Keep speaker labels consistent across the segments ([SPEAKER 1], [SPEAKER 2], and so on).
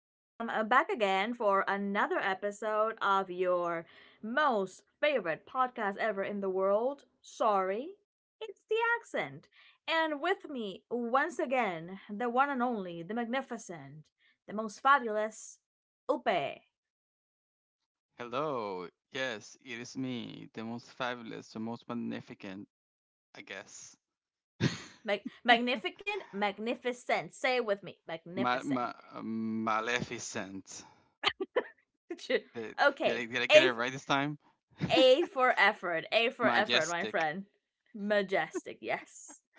[SPEAKER 1] I am back again for another episode of your most favorite podcast ever in the world. Sorry, it's the accent. And with me, once again, the one and only, the magnificent, the most fabulous, Upe.
[SPEAKER 2] Hello. Yes, it is me, the most fabulous, the most magnificent, I guess.
[SPEAKER 1] Magnificent, magnificent. Say it with me, magnificent.
[SPEAKER 2] Maleficent. Did, I,
[SPEAKER 1] Okay,
[SPEAKER 2] did I get
[SPEAKER 1] a
[SPEAKER 2] it right this time?
[SPEAKER 1] A for effort. A for effort, my
[SPEAKER 2] Majestic.
[SPEAKER 1] friend. Majestic, yes.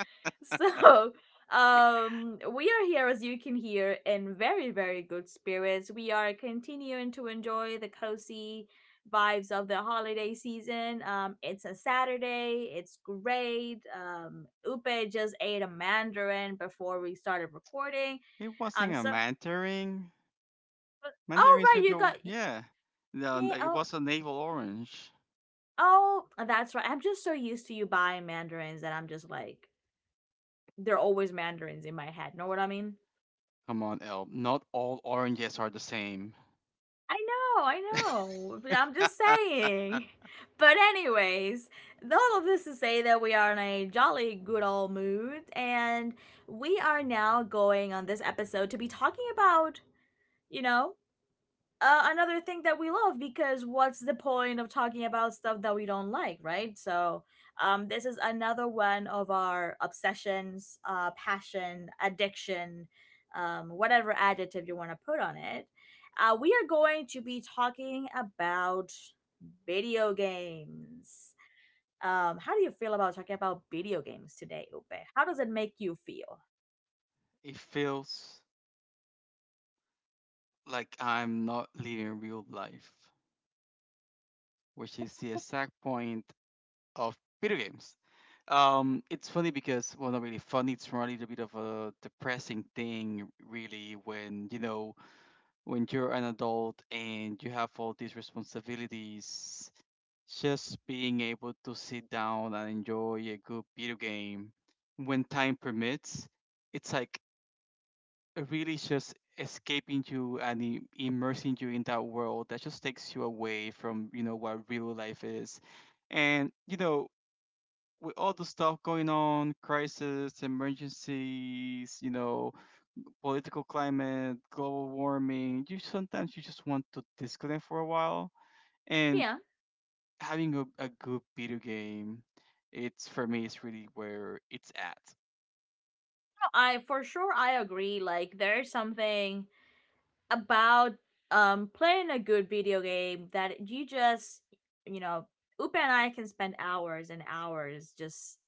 [SPEAKER 1] So, we are here, as you can hear, in very, very good spirits. We are continuing to enjoy the cozy vibes of the holiday season. It's a Saturday. It's great. Upe just ate a mandarin before we started recording.
[SPEAKER 2] It
[SPEAKER 1] Um,
[SPEAKER 2] wasn't a
[SPEAKER 1] so,
[SPEAKER 2] Mandarin.
[SPEAKER 1] oh
[SPEAKER 2] Mandarins
[SPEAKER 1] right,
[SPEAKER 2] are
[SPEAKER 1] you
[SPEAKER 2] the
[SPEAKER 1] got
[SPEAKER 2] yeah. No,
[SPEAKER 1] yeah.
[SPEAKER 2] it
[SPEAKER 1] Oh,
[SPEAKER 2] was a navel orange.
[SPEAKER 1] Oh, that's right. I'm just so used to you buying mandarins that I'm just like, they're always mandarins in my head. Know what I mean?
[SPEAKER 2] Come on, Elb. Not all oranges are the same.
[SPEAKER 1] I know, I know. But I'm just saying. But anyways, all of this to say that we are in a jolly good old mood and we are now going on this episode to be talking about, you know, another thing that we love because what's the point of talking about stuff that we don't like, right? This is another one of our obsessions, passion, addiction, whatever adjective you want to put on it. We are going to be talking about video games. How do you feel about talking about video games today, Upe? How does it make you feel?
[SPEAKER 2] It feels like I'm not living real life, which is the exact point of video games. It's funny because, well, not really funny. It's really a bit of a depressing thing, really, when you know when you're an adult and you have all these responsibilities. Just being able to sit down and enjoy a good video game when time permits, it's like really just escaping you and immersing you in that world that just takes you away from you know what real life is, and you know, with all the stuff going on: crisis, emergencies, you know, political climate, global warming, you sometimes you just want to disconnect for a while. And
[SPEAKER 1] Yeah,
[SPEAKER 2] having a good video game, it's for me, it's really where it's at.
[SPEAKER 1] no, I for sure I agree. Like there's something about playing a good video game that you just you know Upa and I can spend hours and hours just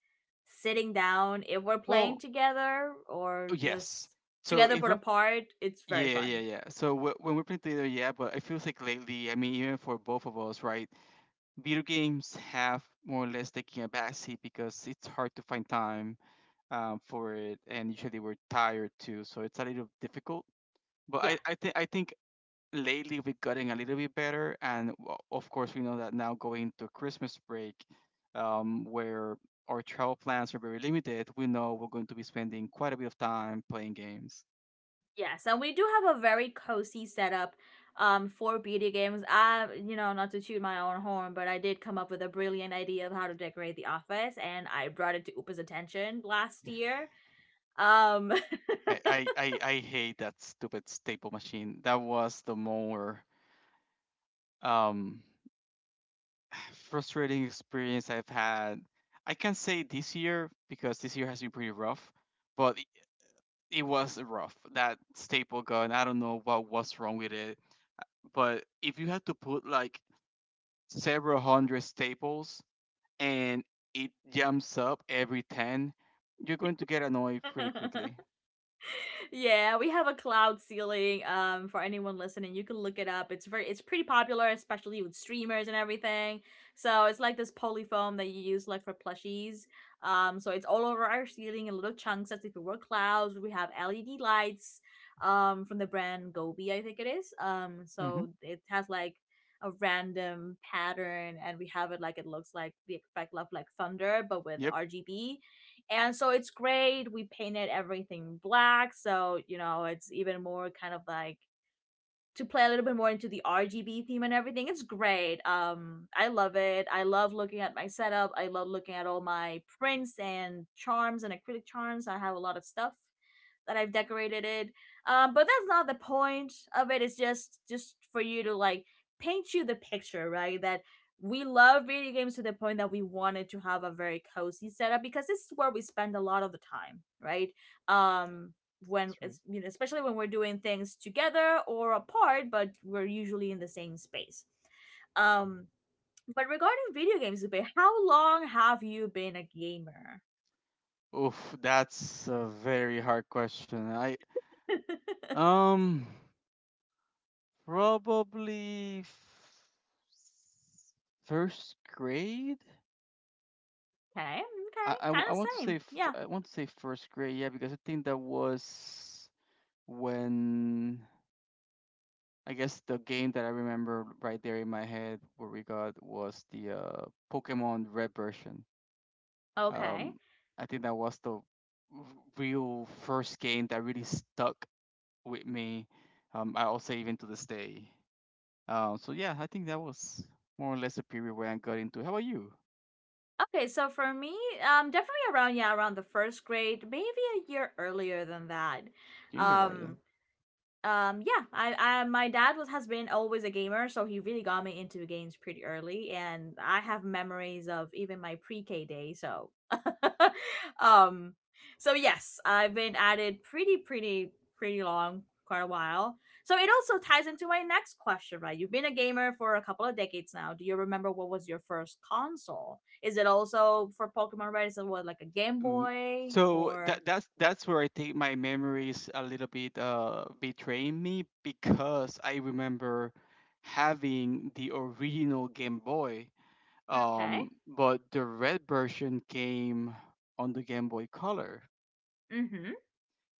[SPEAKER 1] sitting down if we're playing
[SPEAKER 2] Well,
[SPEAKER 1] together or
[SPEAKER 2] yes.
[SPEAKER 1] just
[SPEAKER 2] So
[SPEAKER 1] together
[SPEAKER 2] if
[SPEAKER 1] put
[SPEAKER 2] we're
[SPEAKER 1] apart it's very
[SPEAKER 2] yeah, yeah,
[SPEAKER 1] fun,
[SPEAKER 2] yeah. So when we're playing together, yeah, but it feels like lately, I mean, even for both of us, right? Video games have more or less taken a backseat because it's hard to find time for it, and usually we're tired too, so it's a little difficult. But
[SPEAKER 1] yeah.
[SPEAKER 2] I think lately we're getting a little bit better, and of course we know that now going to Christmas break, where our travel plans are very limited, we know we're going to be spending quite a bit of time playing games.
[SPEAKER 1] Yes, and we do have a very cozy setup for video games. I, you know, not to toot my own horn, but I did come up with a brilliant idea of how to decorate the office, and I brought it to Upa's attention last year. Um,
[SPEAKER 2] I hate that stupid staple machine. That was the more um, frustrating experience I've had. I can say this year because this year has been pretty rough, but it was rough. That staple gun, I don't know what was wrong with it, but if you had to put like several hundred staples and it jumps up every 10, you're going to get annoyed pretty quickly.
[SPEAKER 1] yeah, we have a cloud ceiling. For anyone listening, you can look it up. It's very, it's pretty popular, especially with streamers and everything. So it's like this polyfoam that you use like for plushies. So it's all over our ceiling in little chunks as if it were clouds. We have LED lights, from the brand Gobi, I think it is.
[SPEAKER 2] Mm-hmm.
[SPEAKER 1] So it has like a random pattern, and we have it like it looks like the effect of like thunder, but with
[SPEAKER 2] Yep.
[SPEAKER 1] RGB, and so it's great. We painted everything black, so you know it's even more kind of like to play a little bit more into the RGB theme and everything. It's great. I love it. I love looking at my setup. I love looking at all my prints and charms and acrylic charms. I have a lot of stuff that I've decorated it. But that's not the point of it. It's just for you to like paint you the picture, right? That we love video games to the point that we wanted to have a very cozy setup because this is where we spend a lot of the time, right? Um, when
[SPEAKER 2] That's right.
[SPEAKER 1] it's you know, especially when we're doing things together or apart, but we're usually in the same space. Um, but regarding video games, Zubin, how long have you been a gamer?
[SPEAKER 2] Oof, that's a very hard question. I
[SPEAKER 1] Okay,
[SPEAKER 2] um Probably first grade.
[SPEAKER 1] okay,
[SPEAKER 2] I I
[SPEAKER 1] kind
[SPEAKER 2] I want to
[SPEAKER 1] of same.
[SPEAKER 2] say
[SPEAKER 1] Yeah,
[SPEAKER 2] I want to say first grade, yeah, because I think that was when, I guess, the game that I remember right there in my head where we got was the Pokemon Red version.
[SPEAKER 1] okay.
[SPEAKER 2] Um, I think that was the real first game that really stuck with me. I'll say even to this day. So yeah, I think that was more or less the period where I got into. How about you,
[SPEAKER 1] Okay, so for me, definitely around yeah, around the first grade, maybe a year earlier than that. Um,
[SPEAKER 2] kindergarten?
[SPEAKER 1] yeah, I my dad was has been always a gamer, so he really got me into games pretty early, and I have memories of even my pre-k day, so um, so yes, I've been at it pretty long, quite a while. So it also ties into my next question, right? You've been a gamer for a couple of decades now. Do you remember what was your first console? Is it also for Pokemon? Right? Is it what, like a Game
[SPEAKER 2] Mm.
[SPEAKER 1] Boy
[SPEAKER 2] So
[SPEAKER 1] or
[SPEAKER 2] that's where I think my memories a little bit betraying me because I remember having the original Game Boy,
[SPEAKER 1] okay,
[SPEAKER 2] but the red version came on the Game Boy Color.
[SPEAKER 1] mm-hmm.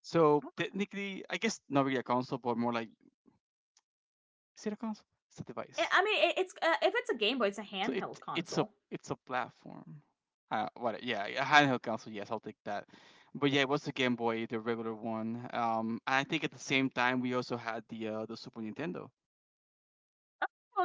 [SPEAKER 2] So technically, I guess not really a console, but more like, is it a console? It's a
[SPEAKER 1] I
[SPEAKER 2] device.
[SPEAKER 1] I mean, it's if it's a Game Boy, it's a
[SPEAKER 2] So
[SPEAKER 1] handheld
[SPEAKER 2] it's a,
[SPEAKER 1] console.
[SPEAKER 2] it's a platform. What? Yeah, a handheld console. Yes, I'll take that. But yeah, it was the Game Boy, the regular one. And I think at the same time we also had the Super Nintendo.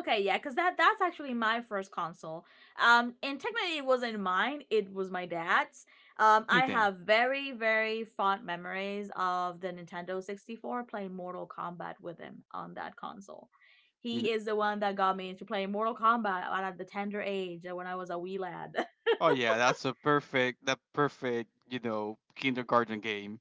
[SPEAKER 1] Okay, yeah, because that's actually my first console. And technically, it wasn't mine; it was my dad's. I
[SPEAKER 2] Same thing.
[SPEAKER 1] have very very fond memories of the Nintendo 64 playing Mortal Kombat with him on that console.
[SPEAKER 2] You
[SPEAKER 1] He
[SPEAKER 2] kn-
[SPEAKER 1] is the one that got me into playing Mortal Kombat at the tender age when I was a wee lad.
[SPEAKER 2] oh yeah, that's a perfect, that perfect, you know, kindergarten game.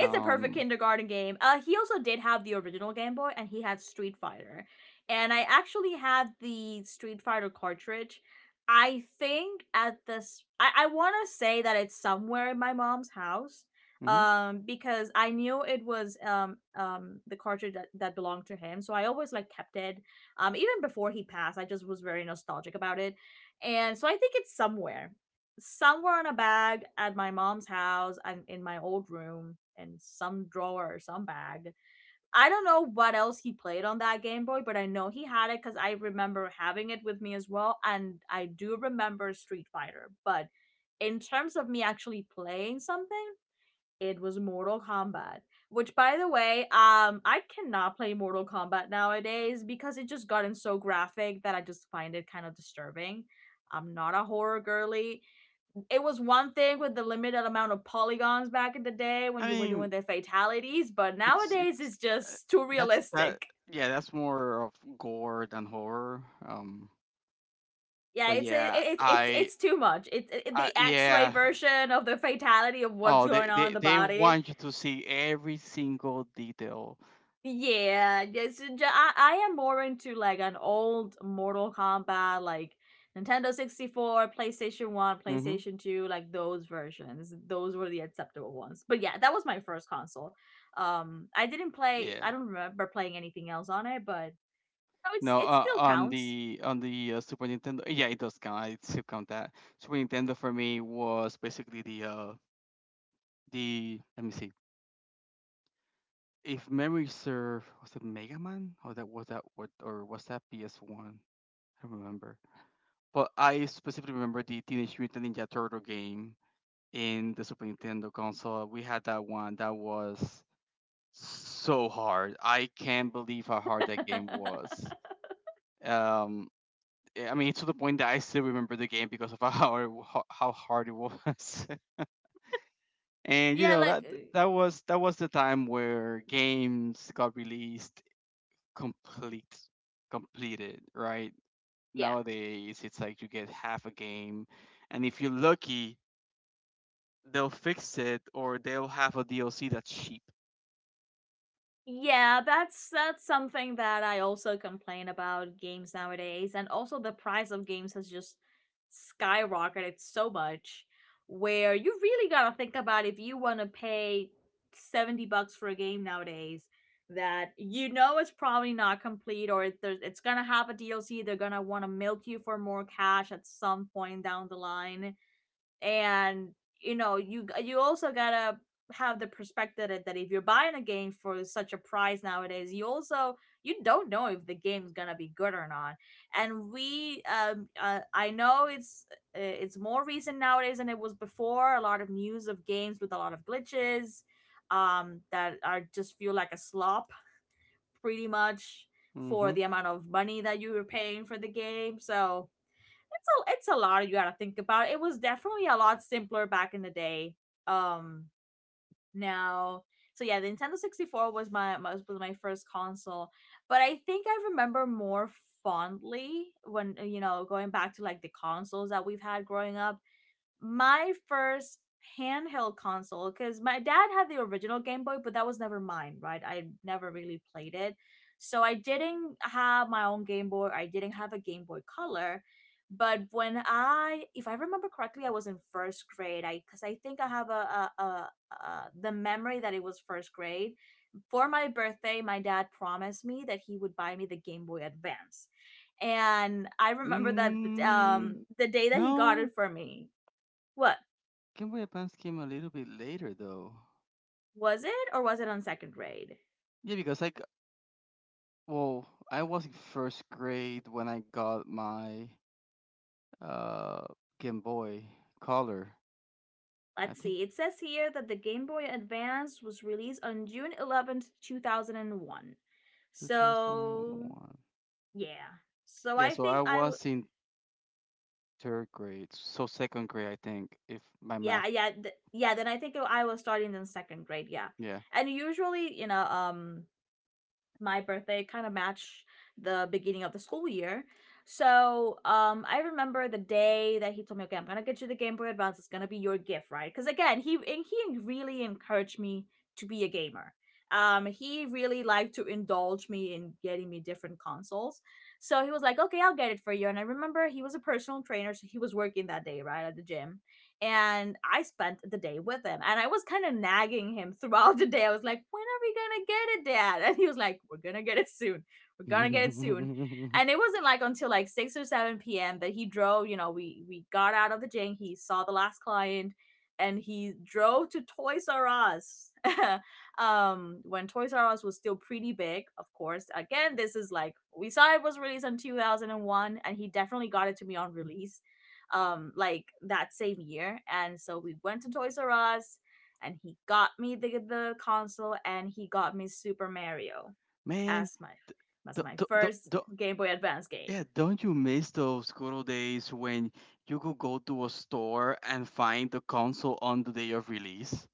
[SPEAKER 1] It's a perfect kindergarten game. He also did have the original Game Boy, and he had Street Fighter. And I actually had the Street Fighter cartridge. I think at this, I want to say that it's somewhere in my mom's house,
[SPEAKER 2] mhm.
[SPEAKER 1] because I knew it was the cartridge that belonged to him. So I always like kept it. Even before he passed, I just was very nostalgic about it, and so I think it's somewhere some were in a bag at my mom's house and in my old room in some drawer or some bag. I don't know what else he played on that Game Boy, but I know he had it because I remember having it with me as well. And I do remember Street Fighter. But in terms of me actually playing something, it was Mortal Kombat. Which, by the way, I cannot play Mortal Kombat nowadays because it just gotten so graphic that I just find it kind of disturbing. I'm not a horror girly, it was one thing with the limited amount of polygons back in the day when
[SPEAKER 2] I
[SPEAKER 1] you were doing
[SPEAKER 2] mean,
[SPEAKER 1] the fatalities, but nowadays
[SPEAKER 2] it's
[SPEAKER 1] it's
[SPEAKER 2] uh,
[SPEAKER 1] just too
[SPEAKER 2] that's that
[SPEAKER 1] realistic.
[SPEAKER 2] yeah, that's more of gore than horror. Um,
[SPEAKER 1] Yeah,
[SPEAKER 2] but yeah,
[SPEAKER 1] it's too much.
[SPEAKER 2] I
[SPEAKER 1] The X-ray
[SPEAKER 2] yeah.
[SPEAKER 1] version of the fatality of what's
[SPEAKER 2] Oh,
[SPEAKER 1] going on in the
[SPEAKER 2] they
[SPEAKER 1] body.
[SPEAKER 2] want you to see every single detail.
[SPEAKER 1] Yeah, yes, I am more into like an old Mortal Kombat, like Nintendo 64, PlayStation 1,
[SPEAKER 2] Hmm.
[SPEAKER 1] PlayStation 2, like those versions. Those were the acceptable ones. But yeah, that was my first console. Um,
[SPEAKER 2] Yeah.
[SPEAKER 1] I don't remember playing anything else on it, but no, it's
[SPEAKER 2] No,
[SPEAKER 1] it still
[SPEAKER 2] on
[SPEAKER 1] counts.
[SPEAKER 2] the Super Nintendo, yeah, it does count. I still count that. Super Nintendo for me was basically the let me see. If memory serve, was it Mega Man, or that was that what, or was that PS One? I don't remember. But I specifically remember the Teenage Mutant Ninja Turtle game in the Super Nintendo console. We had that one. That was so hard. I can't believe how hard that game was. Um, eh, I mean, to the point that I still remember the game because of how hard it was. And you
[SPEAKER 1] Yeah,
[SPEAKER 2] know
[SPEAKER 1] like
[SPEAKER 2] that that was, that was the time where games got released complete, completed. Right,
[SPEAKER 1] yeah.
[SPEAKER 2] nowadays it's like you get half a game, and if you're lucky, they'll fix it or they'll have a DLC that's cheap.
[SPEAKER 1] Yeah, that's something that I also complain about games nowadays, and also the price of games has just skyrocketed so much, where you really gotta think about if you want to pay $70 for a game nowadays that you know it's probably not complete, it's gonna have a DLC. They're gonna want to milk you for more cash at some point down the line, and you know you also gotta have the perspective that if you're buying a game for such a price nowadays, you also you don't know if the game's gonna be good or not. And we I know it's more recent nowadays than it was before, a lot of news of games with a lot of glitches that are just feel like a slop pretty much for
[SPEAKER 2] Mm-hmm.
[SPEAKER 1] the amount of money that you were paying for the game. So it's a, it's a lot you gotta think about. It was definitely a lot simpler back in the day. Um, now, so yeah, the Nintendo 64 was was my first console, but I think I remember more fondly when you know going back to like the consoles that we've had growing up, my first handheld console, because my dad had the original Game Boy, but that was never mine, right? I never really played it. So I didn't have my own Game Boy. I didn't have a Game Boy Color. But when I, if I remember correctly, I was in first grade. Because I think I have a the memory that it was first grade. For my birthday, my dad promised me that he would buy me the Game Boy Advance, and I remember that
[SPEAKER 2] Mm,
[SPEAKER 1] the day that he got it
[SPEAKER 2] no,
[SPEAKER 1] for me. What?
[SPEAKER 2] Game Boy Advance came a little bit later though.
[SPEAKER 1] Was it or was it on second grade?
[SPEAKER 2] Yeah, because like, well, I was in first grade when I got my uh Game Boy Color. I
[SPEAKER 1] Let's
[SPEAKER 2] think
[SPEAKER 1] see. It says here that the Game Boy Advance was released on June 11th, 2001. So,
[SPEAKER 2] 2001.
[SPEAKER 1] yeah. So
[SPEAKER 2] Yeah,
[SPEAKER 1] I
[SPEAKER 2] so
[SPEAKER 1] think
[SPEAKER 2] I
[SPEAKER 1] I w-
[SPEAKER 2] was in third grade, so second grade, I think, if my math,
[SPEAKER 1] yeah, yeah, then I think I was starting in second grade, yeah.
[SPEAKER 2] yeah.
[SPEAKER 1] And usually, you know, my birthday kind of matched the beginning of the school year. So I remember the day that he told me, "Okay, I'm gonna get you the Game Boy Advance. It's gonna be your gift, right?" Because again, he really encouraged me to be a gamer. He really liked to indulge me in getting me different consoles. So he was like, "Okay, I'll get it for you." And I remember he was a personal trainer, so he was working that day, right, at the gym and I spent the day with him. And I was kind of nagging him throughout the day. I was like, when are we gonna get it, Dad? And he was like, we're gonna get it soon. We're gonna get it soon.
[SPEAKER 2] Man,
[SPEAKER 1] And it wasn't until like 6 or 7 p.m. that he drove, we got out of the gym, he saw the last client, and he drove to Toys R Us. When Toys R Us was still pretty big, of course. Again, this is like we saw it was released in 2001, and he definitely got it to me on release like that same year. And so we went to Toys R Us and he got me the console, and he got me Super Mario as my
[SPEAKER 2] th- th- th-
[SPEAKER 1] first
[SPEAKER 2] th-
[SPEAKER 1] Game Boy Advance game.
[SPEAKER 2] yeah, don't you miss those good old days when you could go to a store and find the console on the day of release?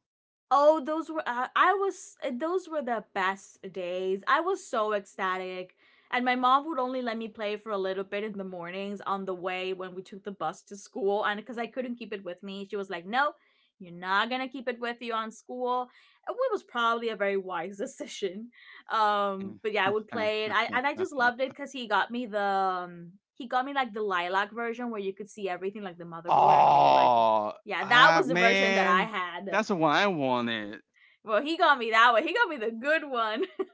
[SPEAKER 1] Oh, those were I was those were the best days. I was so ecstatic. And my mom would only let me play for a little bit in the mornings on the way when we took the bus to school, and cuz I couldn't keep it with me. She was like, "No, you're not going to keep it with you on school." It was probably a very wise decision. But yeah, I would play it. I and I just loved it cuz he got me the he got me like the lilac version where you could see everything like the motherboard and all like
[SPEAKER 2] Oh,
[SPEAKER 1] yeah, that
[SPEAKER 2] ah,
[SPEAKER 1] was the version that I
[SPEAKER 2] man,
[SPEAKER 1] had.
[SPEAKER 2] that's the one I wanted.
[SPEAKER 1] Well, he got me that way. He got me the good one.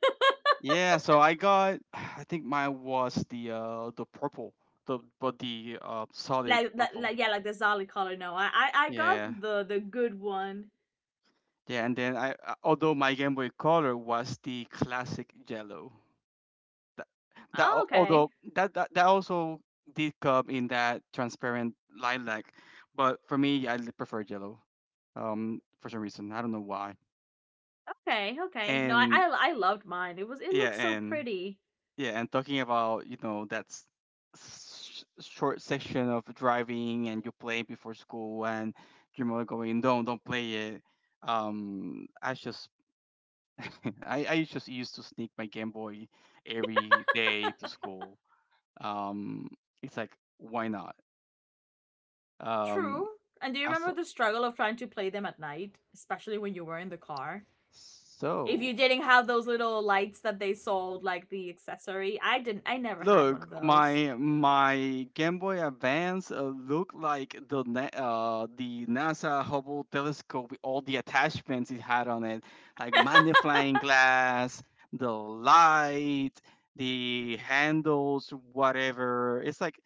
[SPEAKER 2] Yeah, so I got, I think mine was the purple, the but the solid
[SPEAKER 1] Like, like,
[SPEAKER 2] purple.
[SPEAKER 1] like yeah, like the solid color. No, I got
[SPEAKER 2] Yeah,
[SPEAKER 1] the good one.
[SPEAKER 2] yeah, and then I although my Game Boy Color was the classic yellow. That
[SPEAKER 1] Oh, okay,
[SPEAKER 2] Although that also did come in that transparent lilac, but for me I prefer yellow. For some reason I don't know why.
[SPEAKER 1] okay. No, I,
[SPEAKER 2] And
[SPEAKER 1] I, I loved mine. It was, it
[SPEAKER 2] yeah,
[SPEAKER 1] looked so
[SPEAKER 2] and
[SPEAKER 1] pretty.
[SPEAKER 2] yeah, and talking about, you know, that's short section of driving and you play before school and your mother going, don't play it." I just I just used to sneak my Game Boy every day to school. Um, it's like, why not? Um,
[SPEAKER 1] True. And do you
[SPEAKER 2] as
[SPEAKER 1] remember the struggle of trying to play them at night, especially when you were in the car? If
[SPEAKER 2] so.
[SPEAKER 1] you didn't have those little lights that they sold, like the accessory, I didn't. I never had one
[SPEAKER 2] Look,
[SPEAKER 1] of those.
[SPEAKER 2] my Game Boy Advance looked like the NASA Hubble telescope with all the attachments it had on it: like magnifying glass, the light, the handles, whatever. It's like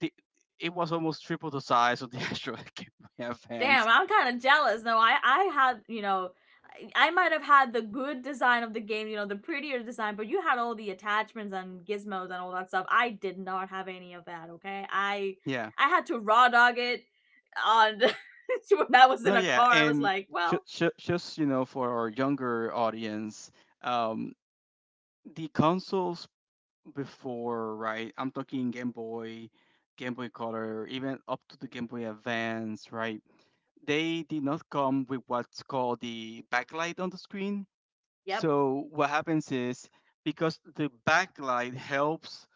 [SPEAKER 2] the it was almost triple the size of the actual Game Boy Advance.
[SPEAKER 1] Damn, I'm kind of jealous. No, I had, you know. I might have had the good design of the game, you know, the prettier design, but you had all the attachments and gizmos and all that stuff. I did not have any of that, okay?
[SPEAKER 2] Yeah.
[SPEAKER 1] I had to raw dog it on when I was
[SPEAKER 2] No,
[SPEAKER 1] in a
[SPEAKER 2] yeah,
[SPEAKER 1] car. I was
[SPEAKER 2] and
[SPEAKER 1] like, well,
[SPEAKER 2] just, you know, for our younger audience, um, the consoles before, right? I'm talking Game Boy, Game Boy Color, even up to the Game Boy Advance, right? They did not come with what's called the backlight on the screen.
[SPEAKER 1] yep,
[SPEAKER 2] So what happens is, because the backlight helps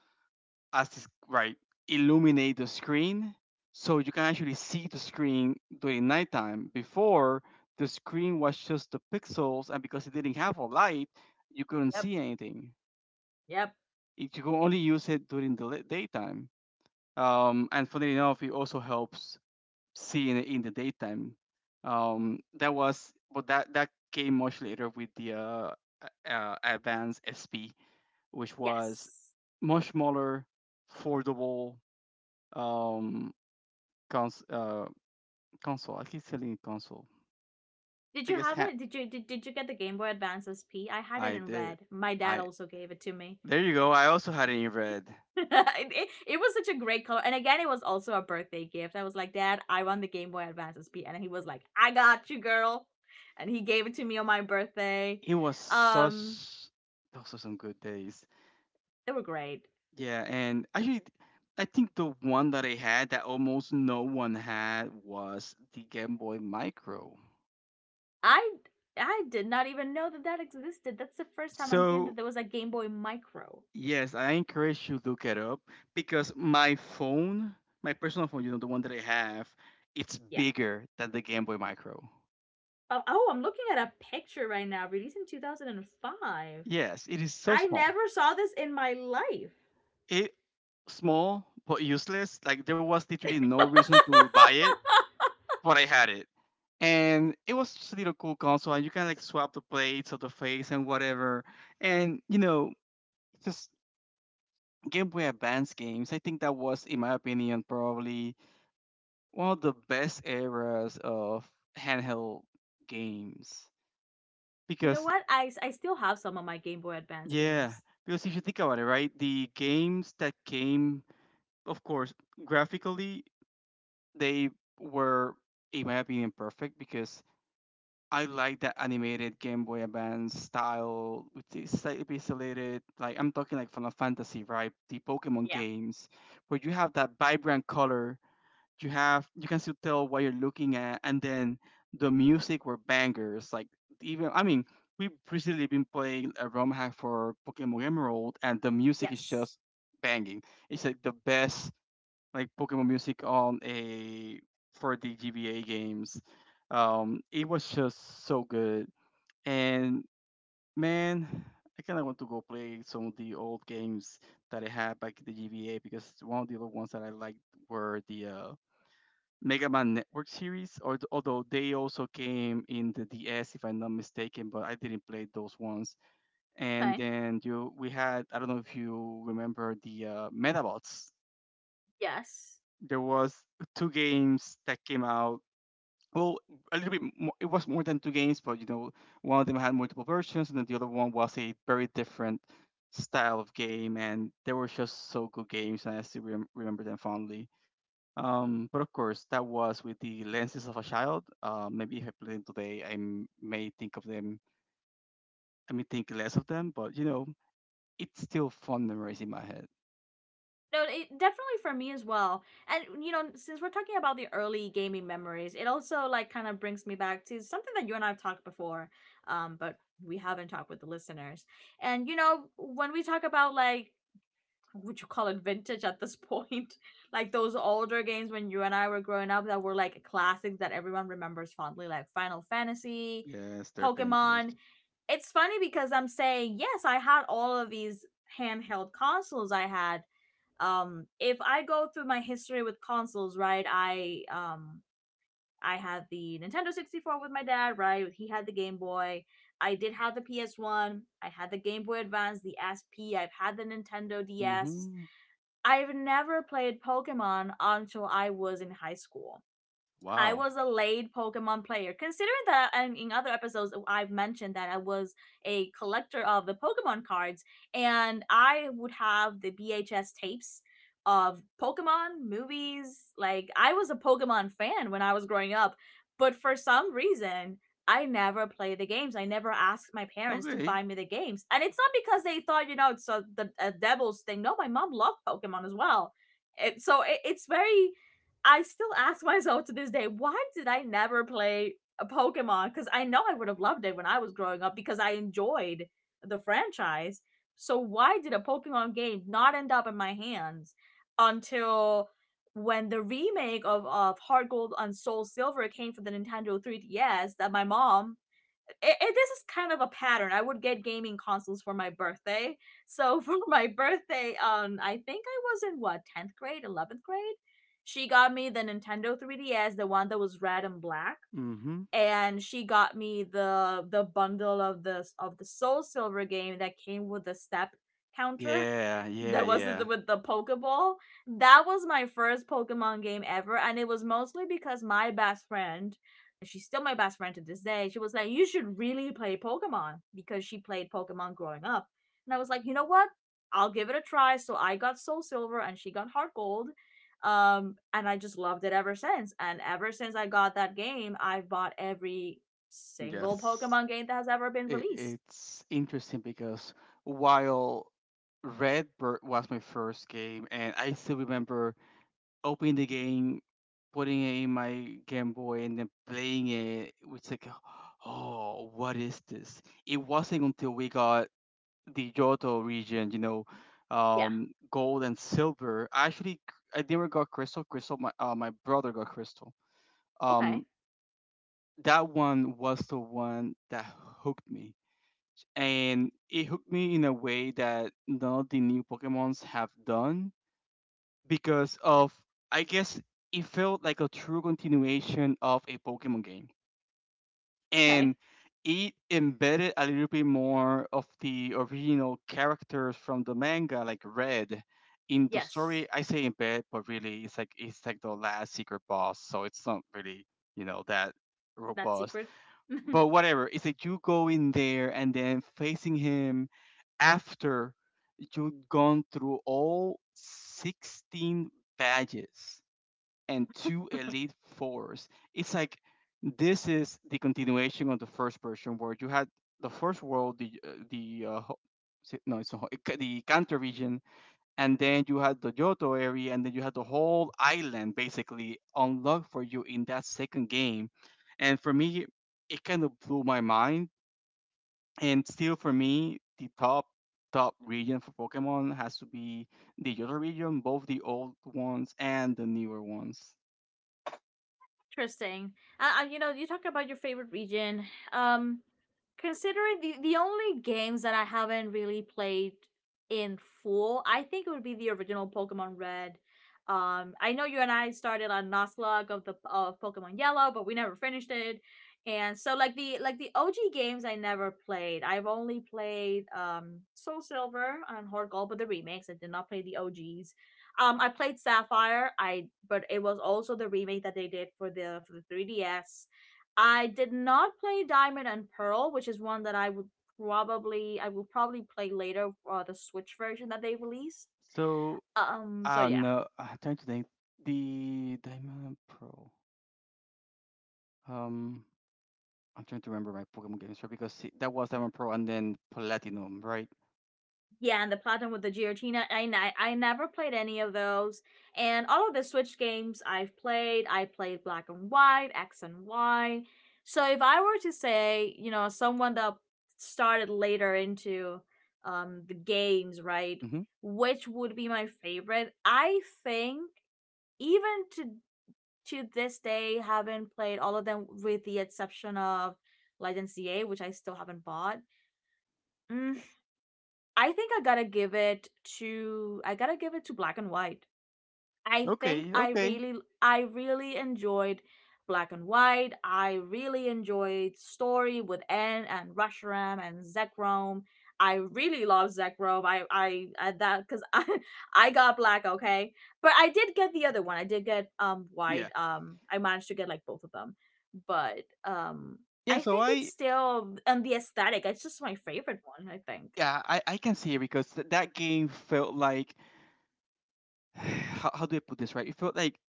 [SPEAKER 2] right, illuminate the screen, so you can actually see the screen during nighttime. Before, the screen was just the pixels, and because it didn't have a light, you couldn't
[SPEAKER 1] yep,
[SPEAKER 2] see anything.
[SPEAKER 1] yep,
[SPEAKER 2] You could only use it during the daytime. And funnily enough, it also helps see in the daytime. That was, but that that came much later with the Advance SP, which was
[SPEAKER 1] yes.
[SPEAKER 2] much smaller, foldable, um, cons- uh, console. I keep telling you console.
[SPEAKER 1] Did
[SPEAKER 2] I
[SPEAKER 1] you
[SPEAKER 2] guess
[SPEAKER 1] have
[SPEAKER 2] ha-
[SPEAKER 1] it? Did you get the Game Boy Advance SP? I had it
[SPEAKER 2] I
[SPEAKER 1] in
[SPEAKER 2] did.
[SPEAKER 1] red. My dad
[SPEAKER 2] I
[SPEAKER 1] also gave it to me.
[SPEAKER 2] There you go. I also had it in red.
[SPEAKER 1] it, it was such a great color. And again, it was also a birthday gift. I was like, Dad, I want the Game Boy Advance SP. And he was like, I got you, girl. And he gave it to me on my birthday.
[SPEAKER 2] It was
[SPEAKER 1] Um,
[SPEAKER 2] such. Those are some good days.
[SPEAKER 1] they were great.
[SPEAKER 2] Yeah, and actually, I think the one that I had that almost no one had was the Game Boy Micro.
[SPEAKER 1] I I did not even know that that existed. That's the first time I'm hearing that
[SPEAKER 2] So,
[SPEAKER 1] there was a Game Boy Micro.
[SPEAKER 2] yes, I encourage you to look it up because my phone, my personal phone, you know, the one that I have, it's
[SPEAKER 1] Yeah.
[SPEAKER 2] bigger than the Game Boy Micro.
[SPEAKER 1] Oh, oh I'm looking at a picture right now, released in 2005.
[SPEAKER 2] Yes, it is so
[SPEAKER 1] I
[SPEAKER 2] small.
[SPEAKER 1] never saw this in my life.
[SPEAKER 2] It Small but useless. Like, there was literally no reason to buy it. But I had it. And it was just a little cool console, and you can like swap the plates of the face and whatever. And you know, just Game Boy Advance games. I think that was, in my opinion, probably one of the best eras of handheld games.
[SPEAKER 1] You know
[SPEAKER 2] Because
[SPEAKER 1] what? I still have some of my Game Boy Advance
[SPEAKER 2] yeah,
[SPEAKER 1] games.
[SPEAKER 2] because if you think about it, right, the games that came, of course, graphically they were, in my opinion, perfect, because I like that animated Game Boy Advance style with the slightly pixelated, like I'm talking like Final Fantasy, right? The Pokemon
[SPEAKER 1] Yeah.
[SPEAKER 2] games, where you have that vibrant color, you have you can still tell what you're looking at, and then the music were bangers. Like, even I mean, we've recently been playing a ROM hack for Pokemon Emerald, and the music is
[SPEAKER 1] Yes.
[SPEAKER 2] just banging. It's like the best like Pokemon music on a, for the GBA games. It was just so good, and man, I kind of want to go play some of the old games that I had back in the GBA because one of the other ones that I liked were the Mega Man Network series, or although they also came in the DS if I'm not mistaken, but I didn't play those ones. And
[SPEAKER 1] Okay.
[SPEAKER 2] then we had, I don't know if you remember the Metabots,
[SPEAKER 1] Yes.
[SPEAKER 2] there was two games that came out. Well, a little bit more, it was more than two games, but you know, one of them had multiple versions, and then the other one was a very different style of game, and they were just so good games, and I still remember them fondly. But of course, that was with the lenses of a child. Maybe if I play them today, may think of them. I may think less of them, but it's still fun memories in my head.
[SPEAKER 1] No, it, definitely for me as well. And you know, since we're talking about the early gaming memories, it also like kind of brings me back to something that you and I have talked before, but we haven't talked with the listeners. And you know, when we talk about like would you call it vintage at this point? Like those older games when you and I were growing up that were like classics that everyone remembers fondly, like Final Fantasy,
[SPEAKER 2] Yes, they're vintage.
[SPEAKER 1] Pokemon. It's funny because I'm saying, yes, I had all of these handheld consoles I had. If I go through my history with consoles, right, I had the Nintendo 64 with my dad, right? He had the Game Boy. I did have the PS1. I had the Game Boy Advance, the S have had the Nintendo DS.
[SPEAKER 2] Mm-hmm.
[SPEAKER 1] I've never played Pokemon until I was in high school. I
[SPEAKER 2] Wow.
[SPEAKER 1] was a late Pokemon player. Considering that in other episodes oh, I've mentioned that I was a collector of the Pokemon cards, and I would have the VHS tapes of Pokemon movies. Like I was a Pokemon fan when I was growing up, but for some reason I never played the games. I never asked my parents to
[SPEAKER 2] Okay.
[SPEAKER 1] buy me the games, and it's not because they thought you know it's a devil's thing. No, my mom loved Pokemon as well. It's very I still ask myself to this day, why did I never play a Pokemon? Because I know I would have loved it when I was growing up because I enjoyed the franchise. So why did a Pokemon game not end up in my hands until when the remake of Heart Gold and Soul Silver came for the Nintendo 3DS that my mom this is kind of a pattern. I would get gaming consoles for my birthday. So for my birthday, I think I was in what tenth grade, 11th grade. She got me the Nintendo 3DS, the one that was red and black,
[SPEAKER 2] Mm-hmm.
[SPEAKER 1] and she got me the bundle of the Soul Silver game that came with the step counter.
[SPEAKER 2] Yeah, yeah,
[SPEAKER 1] That was the,
[SPEAKER 2] yeah.
[SPEAKER 1] with the Pokeball. That was my first Pokemon game ever, and it was mostly because my best friend, she's still my best friend to this day, she was like, You should really play Pokemon because she played Pokemon growing up. And I was like, You know what? I'll give it a try. So I got Soul Silver and she got Heart Gold. And I just loved it ever since. And ever since I got that game, I've bought every single
[SPEAKER 2] Yes.
[SPEAKER 1] Pokemon game that has ever been
[SPEAKER 2] It,
[SPEAKER 1] released.
[SPEAKER 2] it's interesting because while Redbird was my first game, and I still remember opening the game, putting it in my Game Boy, and then playing it. It was like, oh, what is this? It wasn't until we got the Johto region,
[SPEAKER 1] Yeah.
[SPEAKER 2] gold and silver. Actually, I never got crystal. Crystal, my brother got crystal.
[SPEAKER 1] Okay.
[SPEAKER 2] Um, that one was the one that hooked me. And it hooked me in a way that none of the new Pokemons have done because of, I guess, it felt like a true continuation of a Pokemon game.
[SPEAKER 1] Okay.
[SPEAKER 2] And it embedded a little bit more of the original characters from the manga, like Red, in the story.
[SPEAKER 1] Yes.
[SPEAKER 2] I say embed, but really, it's like the last secret boss, so it's not really, you know, that
[SPEAKER 1] That
[SPEAKER 2] robust.
[SPEAKER 1] secret.
[SPEAKER 2] But whatever, it's that you go in there and then facing him after you've gone through all 16 badges and two elite fours. It's like this is the continuation of the first version where you had the first world, the ho- is it- no it's not ho- it ca- the canter region, and then you had the Johto area, and then you had the whole island basically unlocked for you in that second game. And for me, it kind of blew my mind. And still, for me, the top region for Pokemon has to be the Johto region, both the old ones and the newer ones.
[SPEAKER 1] Interesting. You know, you talk about your favorite region. Um, Considering the only games that I haven't really played in full, I think it would be the original Pokemon Red. I know you and I started on Nuzlocke of Pokemon Yellow, but we never finished it. And so, like the OG games, I never played. I've only played Soul Silver and Heart Gold, but the remakes. I did not play the OGs. I played Sapphire. I But it was also the remake that they did for the 3DS. I did not play Diamond and Pearl, which is one that I would probably I will probably play later. The Switch version that they release.
[SPEAKER 2] So
[SPEAKER 1] So
[SPEAKER 2] I don't
[SPEAKER 1] yeah.
[SPEAKER 2] know. I'm trying to think. The Diamond Pro. Um, I'm trying to remember my Pokemon games right because that was Diamond Pro and then Platinum, right?
[SPEAKER 1] Yeah, and the platinum with the Giratina. I never played any of those. And all of the Switch games I've played, I played Black and White, X and Y. So if I were to say, you know, someone that started later into the games, right?
[SPEAKER 2] Mm-hmm.
[SPEAKER 1] Which would be my favorite? I think even to this day haven't played all of them with the exception of Legends CA, which I still haven't bought. Mm, I think I gotta give it to Black and White. I think
[SPEAKER 2] Okay, okay.
[SPEAKER 1] I really enjoyed Black and White. I really enjoyed story with N and Rusharam and Zekrom. I really love Zekrom. I That because I got black okay, but I did get the other one. I did get
[SPEAKER 2] Yeah.
[SPEAKER 1] white. I managed to get like both of them, but
[SPEAKER 2] Yeah,
[SPEAKER 1] I
[SPEAKER 2] so
[SPEAKER 1] think it's
[SPEAKER 2] I
[SPEAKER 1] still and the aesthetic. It's just my favorite one. I think.
[SPEAKER 2] Yeah, I can see it because that game felt like how do I put this right? It felt like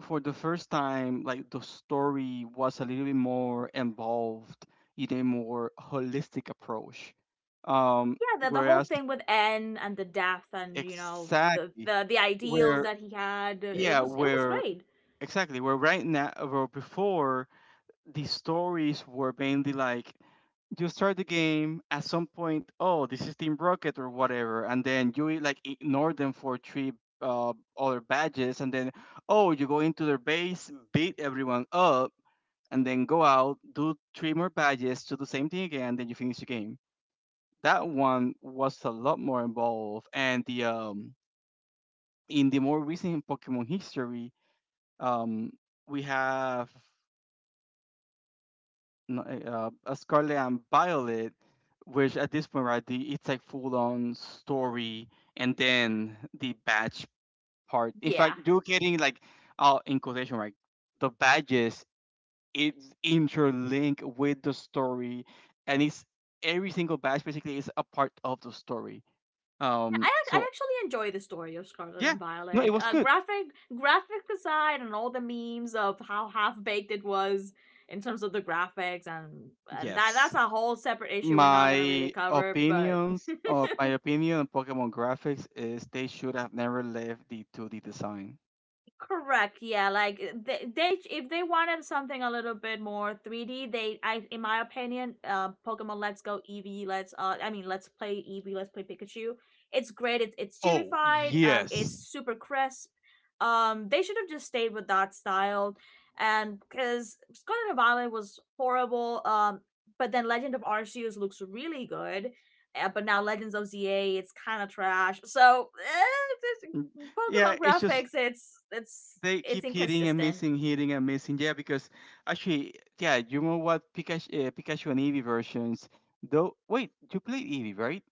[SPEAKER 2] for the first time like the story was a little bit more involved in a more holistic approach.
[SPEAKER 1] Yeah, the whole
[SPEAKER 2] Whereas
[SPEAKER 1] thing with N and the death and you know
[SPEAKER 2] exactly
[SPEAKER 1] the ideals
[SPEAKER 2] where,
[SPEAKER 1] that he had,
[SPEAKER 2] yeah,
[SPEAKER 1] it was
[SPEAKER 2] where
[SPEAKER 1] great.
[SPEAKER 2] exactly where right now, where before the stories were mainly like you start the game at some point, oh, this is team rocket or whatever, and then like ignore them for three uh, other badges, and then oh, you go into their base, beat everyone up, and then go out, do three more badges, do the same thing again, and then you finish the game. That one was a lot more involved, and the in the more recent pokemon history, um we have n- eh, a Scarlet and Violet, which at this point, right, it's like full on story, and then the badge part. In
[SPEAKER 1] Yeah,
[SPEAKER 2] fact, you're getting like, in quotation, right, the badges, it's interlinked with the story, and it's every single badge basically is a part of the story.
[SPEAKER 1] I
[SPEAKER 2] So
[SPEAKER 1] actually enjoy the story of Scarlet
[SPEAKER 2] yeah,
[SPEAKER 1] and
[SPEAKER 2] no, it
[SPEAKER 1] Violet,
[SPEAKER 2] was
[SPEAKER 1] uh,
[SPEAKER 2] good.
[SPEAKER 1] graphic graphic aside and all the memes of how half baked it was in terms of the graphics, and that
[SPEAKER 2] Yes.
[SPEAKER 1] that's a whole separate issue we're not gonna really
[SPEAKER 2] My
[SPEAKER 1] cover, but
[SPEAKER 2] opinions or my opinion on Pokemon graphics is they should have never left the 2D design.
[SPEAKER 1] correct. Yeah, like they if they wanted something a little bit more 3D, they I in my opinion, Pokemon Let's Go Eevee, let's play Eevee, let's play Pikachu. It's great. It's
[SPEAKER 2] Oh,
[SPEAKER 1] chibified. It's
[SPEAKER 2] yes.
[SPEAKER 1] super crisp. They should have just stayed with that style, and cuz Scarlet and Violet was horrible. But then Legend of Arceus looks really good. But now Legends of ZA, it's kind of trash. So,
[SPEAKER 2] Mm. Yeah,
[SPEAKER 1] Pokemon
[SPEAKER 2] it's just
[SPEAKER 1] graphics,
[SPEAKER 2] they
[SPEAKER 1] it's
[SPEAKER 2] keep hitting and
[SPEAKER 1] inconsistent.
[SPEAKER 2] missing, hitting and missing. Yeah, because actually, yeah, you know what, Pikachu and Eevee versions. Though, wait, you played Eevee, right?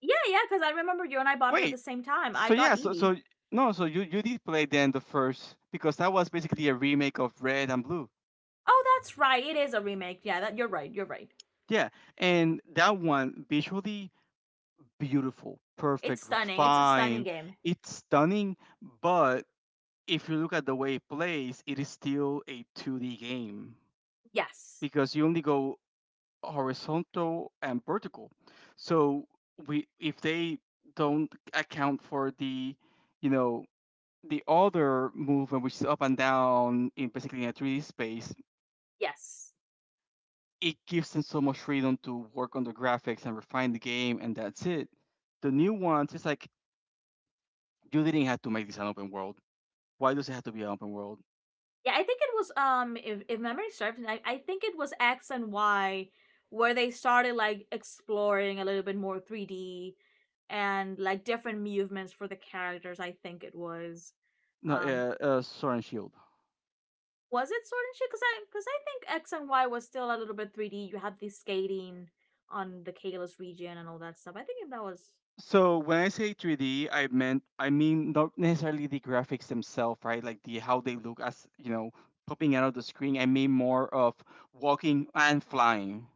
[SPEAKER 1] Yeah, yeah, because I remember you and I bought it at the
[SPEAKER 2] Wait.
[SPEAKER 1] same time. I
[SPEAKER 2] So
[SPEAKER 1] got
[SPEAKER 2] yeah, so
[SPEAKER 1] Eevee.
[SPEAKER 2] so no, so you did play then the first because that was basically a remake of Red and Blue.
[SPEAKER 1] Oh, that's right. It is a remake. Yeah, that you're right. You're right.
[SPEAKER 2] Yeah, and that one visually beautiful,
[SPEAKER 1] It's
[SPEAKER 2] perfect,
[SPEAKER 1] stunning. It's a stunning
[SPEAKER 2] refined.
[SPEAKER 1] game.
[SPEAKER 2] It's stunning, but if you look at the way it plays, it is still a 2D game
[SPEAKER 1] Yes.
[SPEAKER 2] because you only go horizontal and vertical. So we if they don't account for the, you know, the other movement, which is up and down, in basically in a 3D space,
[SPEAKER 1] Yes.
[SPEAKER 2] it gives them so much freedom to work on the graphics and refine the game, and that's it. The new ones, it's like you didn't have to make this an open world. Why does it have to be an open world?
[SPEAKER 1] Yeah, I think it was if memory serves, I think it was X and Y where they started like exploring a little bit more 3D and like different movements for the characters, I think it was.
[SPEAKER 2] No,
[SPEAKER 1] Um
[SPEAKER 2] Sword and Shield.
[SPEAKER 1] was it Sword and Shield? Because I think X and Y was still a little bit three D. You had the skating on the Kalos region and all that stuff. I think if that was.
[SPEAKER 2] So when I say 3D, I mean not necessarily the graphics themselves, right? Like the how they look as, you know, popping out of the screen. I mean more of walking and flying.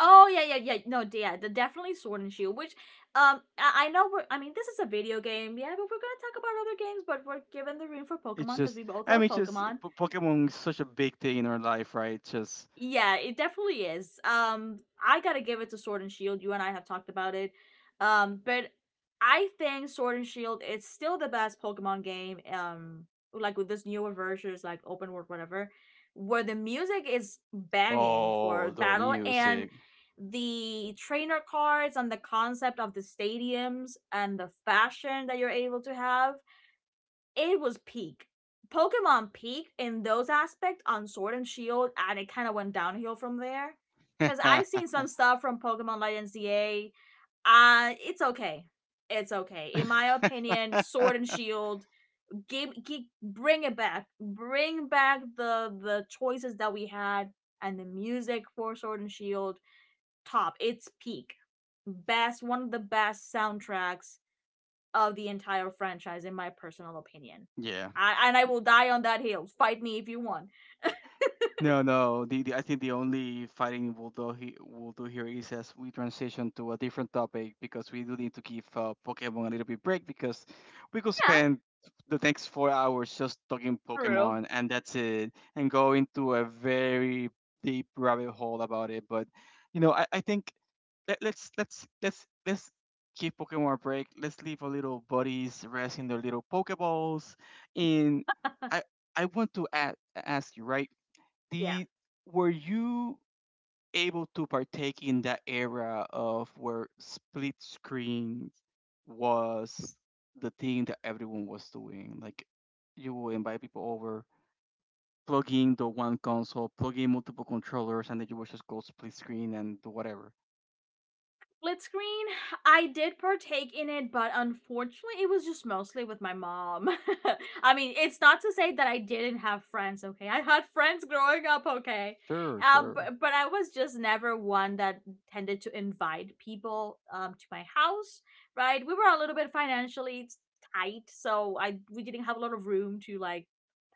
[SPEAKER 1] Oh yeah, yeah, yeah. No, yeah, the definitely Sword and Shield. Which, I know we're. I mean, this is a video game, yeah, but we're gonna talk about other games. But we're given the room for
[SPEAKER 2] It's
[SPEAKER 1] Pokemon because we
[SPEAKER 2] just,
[SPEAKER 1] both
[SPEAKER 2] I mean,
[SPEAKER 1] love
[SPEAKER 2] it's just
[SPEAKER 1] Pokemon.
[SPEAKER 2] Pokemon is such a big thing in our life, right? Just
[SPEAKER 1] Yeah, it definitely is. I gotta give it to Sword and Shield. You and I have talked about it. But I think Sword and Shield is still the best Pokemon game. Like with this newer versions, like open world, whatever, where the music is banging
[SPEAKER 2] oh,
[SPEAKER 1] for
[SPEAKER 2] the
[SPEAKER 1] battle
[SPEAKER 2] music.
[SPEAKER 1] and the trainer cards and the concept of the stadiums and the fashion that you're able to have it was peak. Pokemon peaked in those aspects on Sword and Shield, and it kind of went downhill from there. Cause I've seen some stuff from Pokemon Legends ZA. It's okay. It's okay. In my opinion, Sword and Shield, bring it back. Bring back the choices that we had and the music for Sword and Shield. Top. It's peak. Best. One of the best soundtracks of the entire franchise, in my personal opinion.
[SPEAKER 2] Yeah.
[SPEAKER 1] And I will die on that hill. Fight me if you want.
[SPEAKER 2] No, no. The I think the only fighting we'll do here is as we transition to a different topic, because we do need to give Pokemon a little bit break because we could
[SPEAKER 1] Yeah,
[SPEAKER 2] spend the next 4 hours just talking
[SPEAKER 1] true.
[SPEAKER 2] Pokemon and that's it, and go into a very deep rabbit hole about it. But you know, I think let's give Pokemon a break. Let's leave our little buddies resting their little Pokeballs. And I I want to a ask you, right,
[SPEAKER 1] Yeah.
[SPEAKER 2] the were you able to partake in that era of where split screen was the thing that everyone was doing, like you will invite people over, plugging the one console, plugging multiple controllers, and then you would just go split screen and do whatever.
[SPEAKER 1] Split screen. I did partake in it, but unfortunately, it was just mostly with my mom. I mean, it's not to say that I didn't have friends, okay? I had friends growing up, okay?
[SPEAKER 2] Sure,
[SPEAKER 1] Um,
[SPEAKER 2] sure.
[SPEAKER 1] but, but I was just never one that tended to invite people to my house, right? We were a little bit financially tight, so I we didn't have a lot of room to like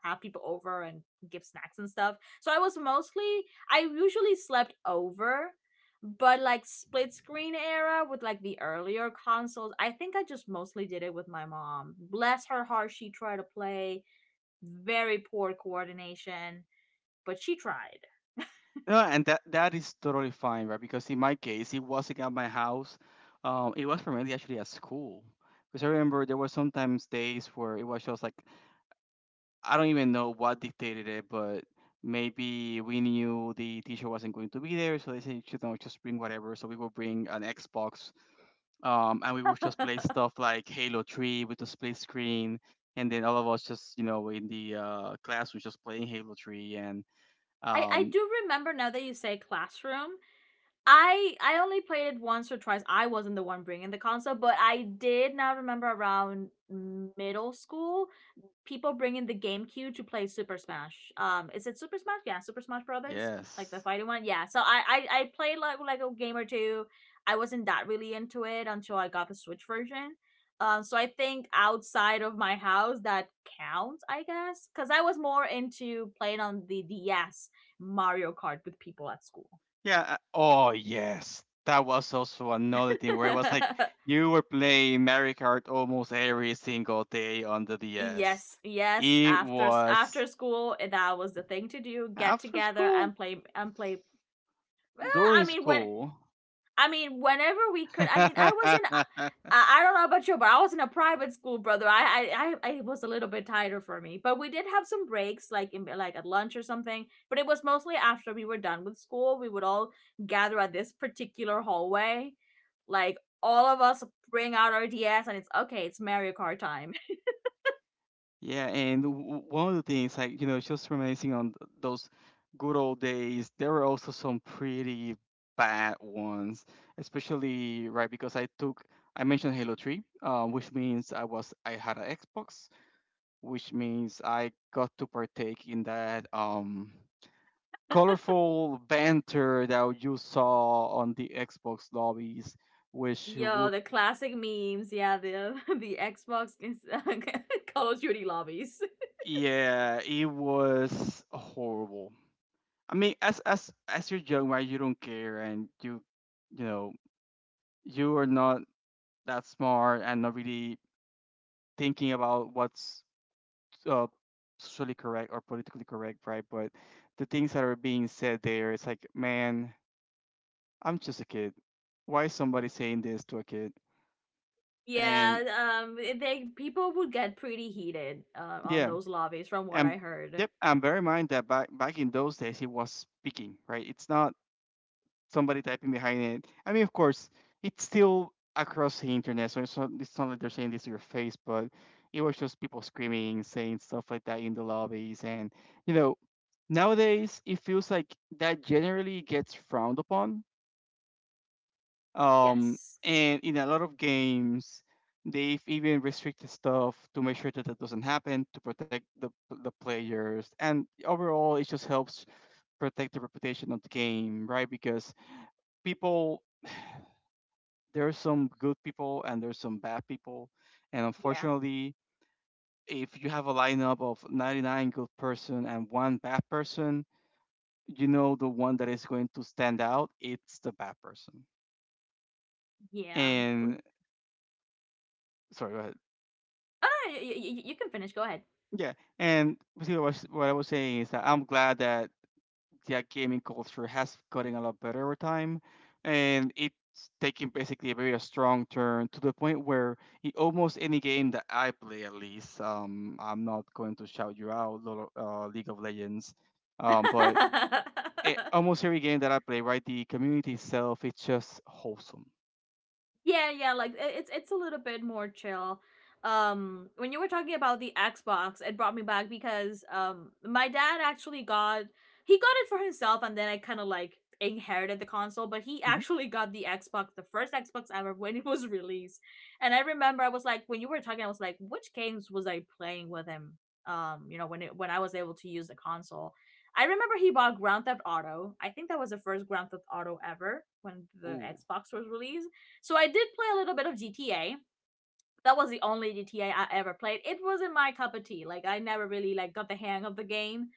[SPEAKER 1] have people over and give snacks and stuff. So I was mostly I usually slept over but like split screen era with like the earlier consoles, I think I just mostly did it with my mom. Bless her heart, she tried to play. Very poor coordination, but she tried.
[SPEAKER 2] No, and that that is totally fine, right, because in my case it wasn't at my house. It was primarily actually at school because I remember there were sometimes days where it was just like, I don't even know what dictated it, but maybe we knew the teacher wasn't going to be there, so they said, you know, just bring whatever. So we will bring an Xbox, and we will just play stuff like Halo 3 with the split screen, and then all of us just, you know, in the class, we're just playing Halo 3, and
[SPEAKER 1] I
[SPEAKER 2] um,
[SPEAKER 1] do remember now that you say classroom. I only played it once or twice. I wasn't the one bringing the console, but I did now remember around middle school, people bringing the GameCube to play Super Smash. Is it Super Smash? Yeah, Super Smash Brothers, like the
[SPEAKER 2] yes,
[SPEAKER 1] fighting one. Yeah. So I played like a game or two. I wasn't that really into it until I got the Switch version. So I think outside of my house that counts, I guess, because I was more into playing on the DS Mario Kart with people at school.
[SPEAKER 2] yeah, oh yes, that was also another thing where it was like you were playing Mario Kart almost every single day on the DS.
[SPEAKER 1] Yes, yes.
[SPEAKER 2] It
[SPEAKER 1] After
[SPEAKER 2] was.
[SPEAKER 1] after school, eh, that was the thing to do. Get
[SPEAKER 2] After
[SPEAKER 1] together
[SPEAKER 2] school?
[SPEAKER 1] and play and play. I
[SPEAKER 2] During
[SPEAKER 1] mean, when
[SPEAKER 2] school.
[SPEAKER 1] whenever we could. I mean, I was
[SPEAKER 2] Yeah,
[SPEAKER 1] in. I don't know about you, but I was in a private school, brother. I it was a little bit tighter for me, but we did have some breaks, like in like at lunch or something. But it was mostly after we were done with school. We would all gather at this particular hallway, like all of us bring out our DS, and it's okay. It's Mario Kart time.
[SPEAKER 2] and one of the things, like, you know, just reminiscing on those good old days, there were also some pretty bad ones, especially, right, I mentioned Halo 3, which means I had an Xbox, which means I got to partake in that, colorful banter that you saw on the Xbox lobbies which
[SPEAKER 1] Yo,
[SPEAKER 2] would.
[SPEAKER 1] the classic memes. Yeah, the the Call of Duty lobbies.
[SPEAKER 2] Yeah, it was horrible. I mean, as you're young, right? You don't care, and you know you are not that smart and not really thinking about what's uh, socially correct or politically correct, right? But the things that are being said there, it's like, man, I'm just a kid. Why is somebody saying this to a kid? And
[SPEAKER 1] Yeah, they people would get pretty heated on
[SPEAKER 2] yeah,
[SPEAKER 1] those lobbies, from what I
[SPEAKER 2] and
[SPEAKER 1] heard.
[SPEAKER 2] yep, and bear in mind that back in those days, he was speaking, right? It's not somebody typing behind it. I mean, of course, it's still across the internet, so it's not like they're saying this to your face, but it was just people screaming, saying stuff like that in the lobbies. And, you know, nowadays it feels like that generally gets frowned upon. Um,
[SPEAKER 1] Yes.
[SPEAKER 2] and in a lot of games, they've even restricted stuff to make sure that that doesn't happen to protect the players. And overall, it just helps protect the reputation of the game, right? Because people there are some good people and there's some bad people, and
[SPEAKER 1] Yeah.
[SPEAKER 2] unfortunately, if you have a lineup of 99 good person and one bad person, you know the one that is going to stand out. It's the bad person.
[SPEAKER 1] Yeah.
[SPEAKER 2] And sorry, go ahead.
[SPEAKER 1] Oh, no, you can finish. Go ahead.
[SPEAKER 2] Yeah, and basically what I was saying is that I'm glad that yeah, gaming culture has gotten a lot better over time, and it's taking basically a very strong turn to the point where almost any game that I play, at least, I'm not going to shout you out, Lord League of Legends, but it, almost every game that I play, right, the community itself, it's just wholesome.
[SPEAKER 1] Yeah, yeah, like it's a little bit more chill. When you were talking about the Xbox, it brought me back because my dad actually got he got it for himself and then I kind of like inherited the console, but he
[SPEAKER 2] Hmm.
[SPEAKER 1] actually got the Xbox, the first Xbox ever when it was released. And I remember I was like when you were talking I was like which games was I playing with him? You know when I was able to use the console. I remember he bought Grand Theft Auto. I think that was the first Grand Theft Auto ever when the
[SPEAKER 2] Ooh,
[SPEAKER 1] Xbox was released, so I did play a little bit of GTA. That was the only GTA I ever played. It wasn't my cup of tea. Like I never really like got the hang of the game.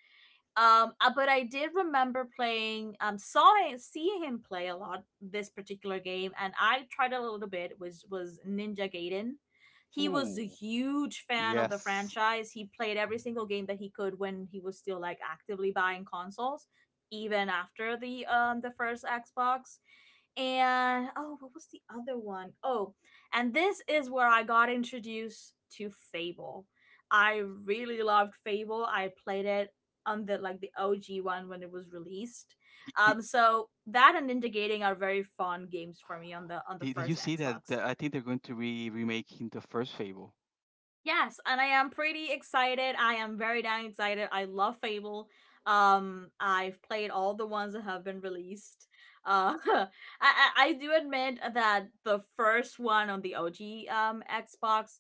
[SPEAKER 1] But I did remember playing, seeing him play a lot this particular game, and I tried it a little bit, which was Ninja Gaiden. He was a
[SPEAKER 2] ooh.
[SPEAKER 1] huge fan of the
[SPEAKER 2] Yes.
[SPEAKER 1] franchise. He played every single game that he could when he was still like actively buying consoles, even after the first Xbox. And oh, what was the other one? Oh, and this is where I got introduced to Fable. I really loved Fable. I played it on the OG one when it was released.
[SPEAKER 2] Did,
[SPEAKER 1] So that and Indigating are very fun games for me on the
[SPEAKER 2] did you
[SPEAKER 1] first
[SPEAKER 2] see
[SPEAKER 1] Xbox.
[SPEAKER 2] that? I think they're going to be remaking the first Fable.
[SPEAKER 1] Yes, and I am pretty excited. I am very damn excited. I love Fable. I've played all the ones that have been released. Uh, I, I do admit that the first one on the OG Xbox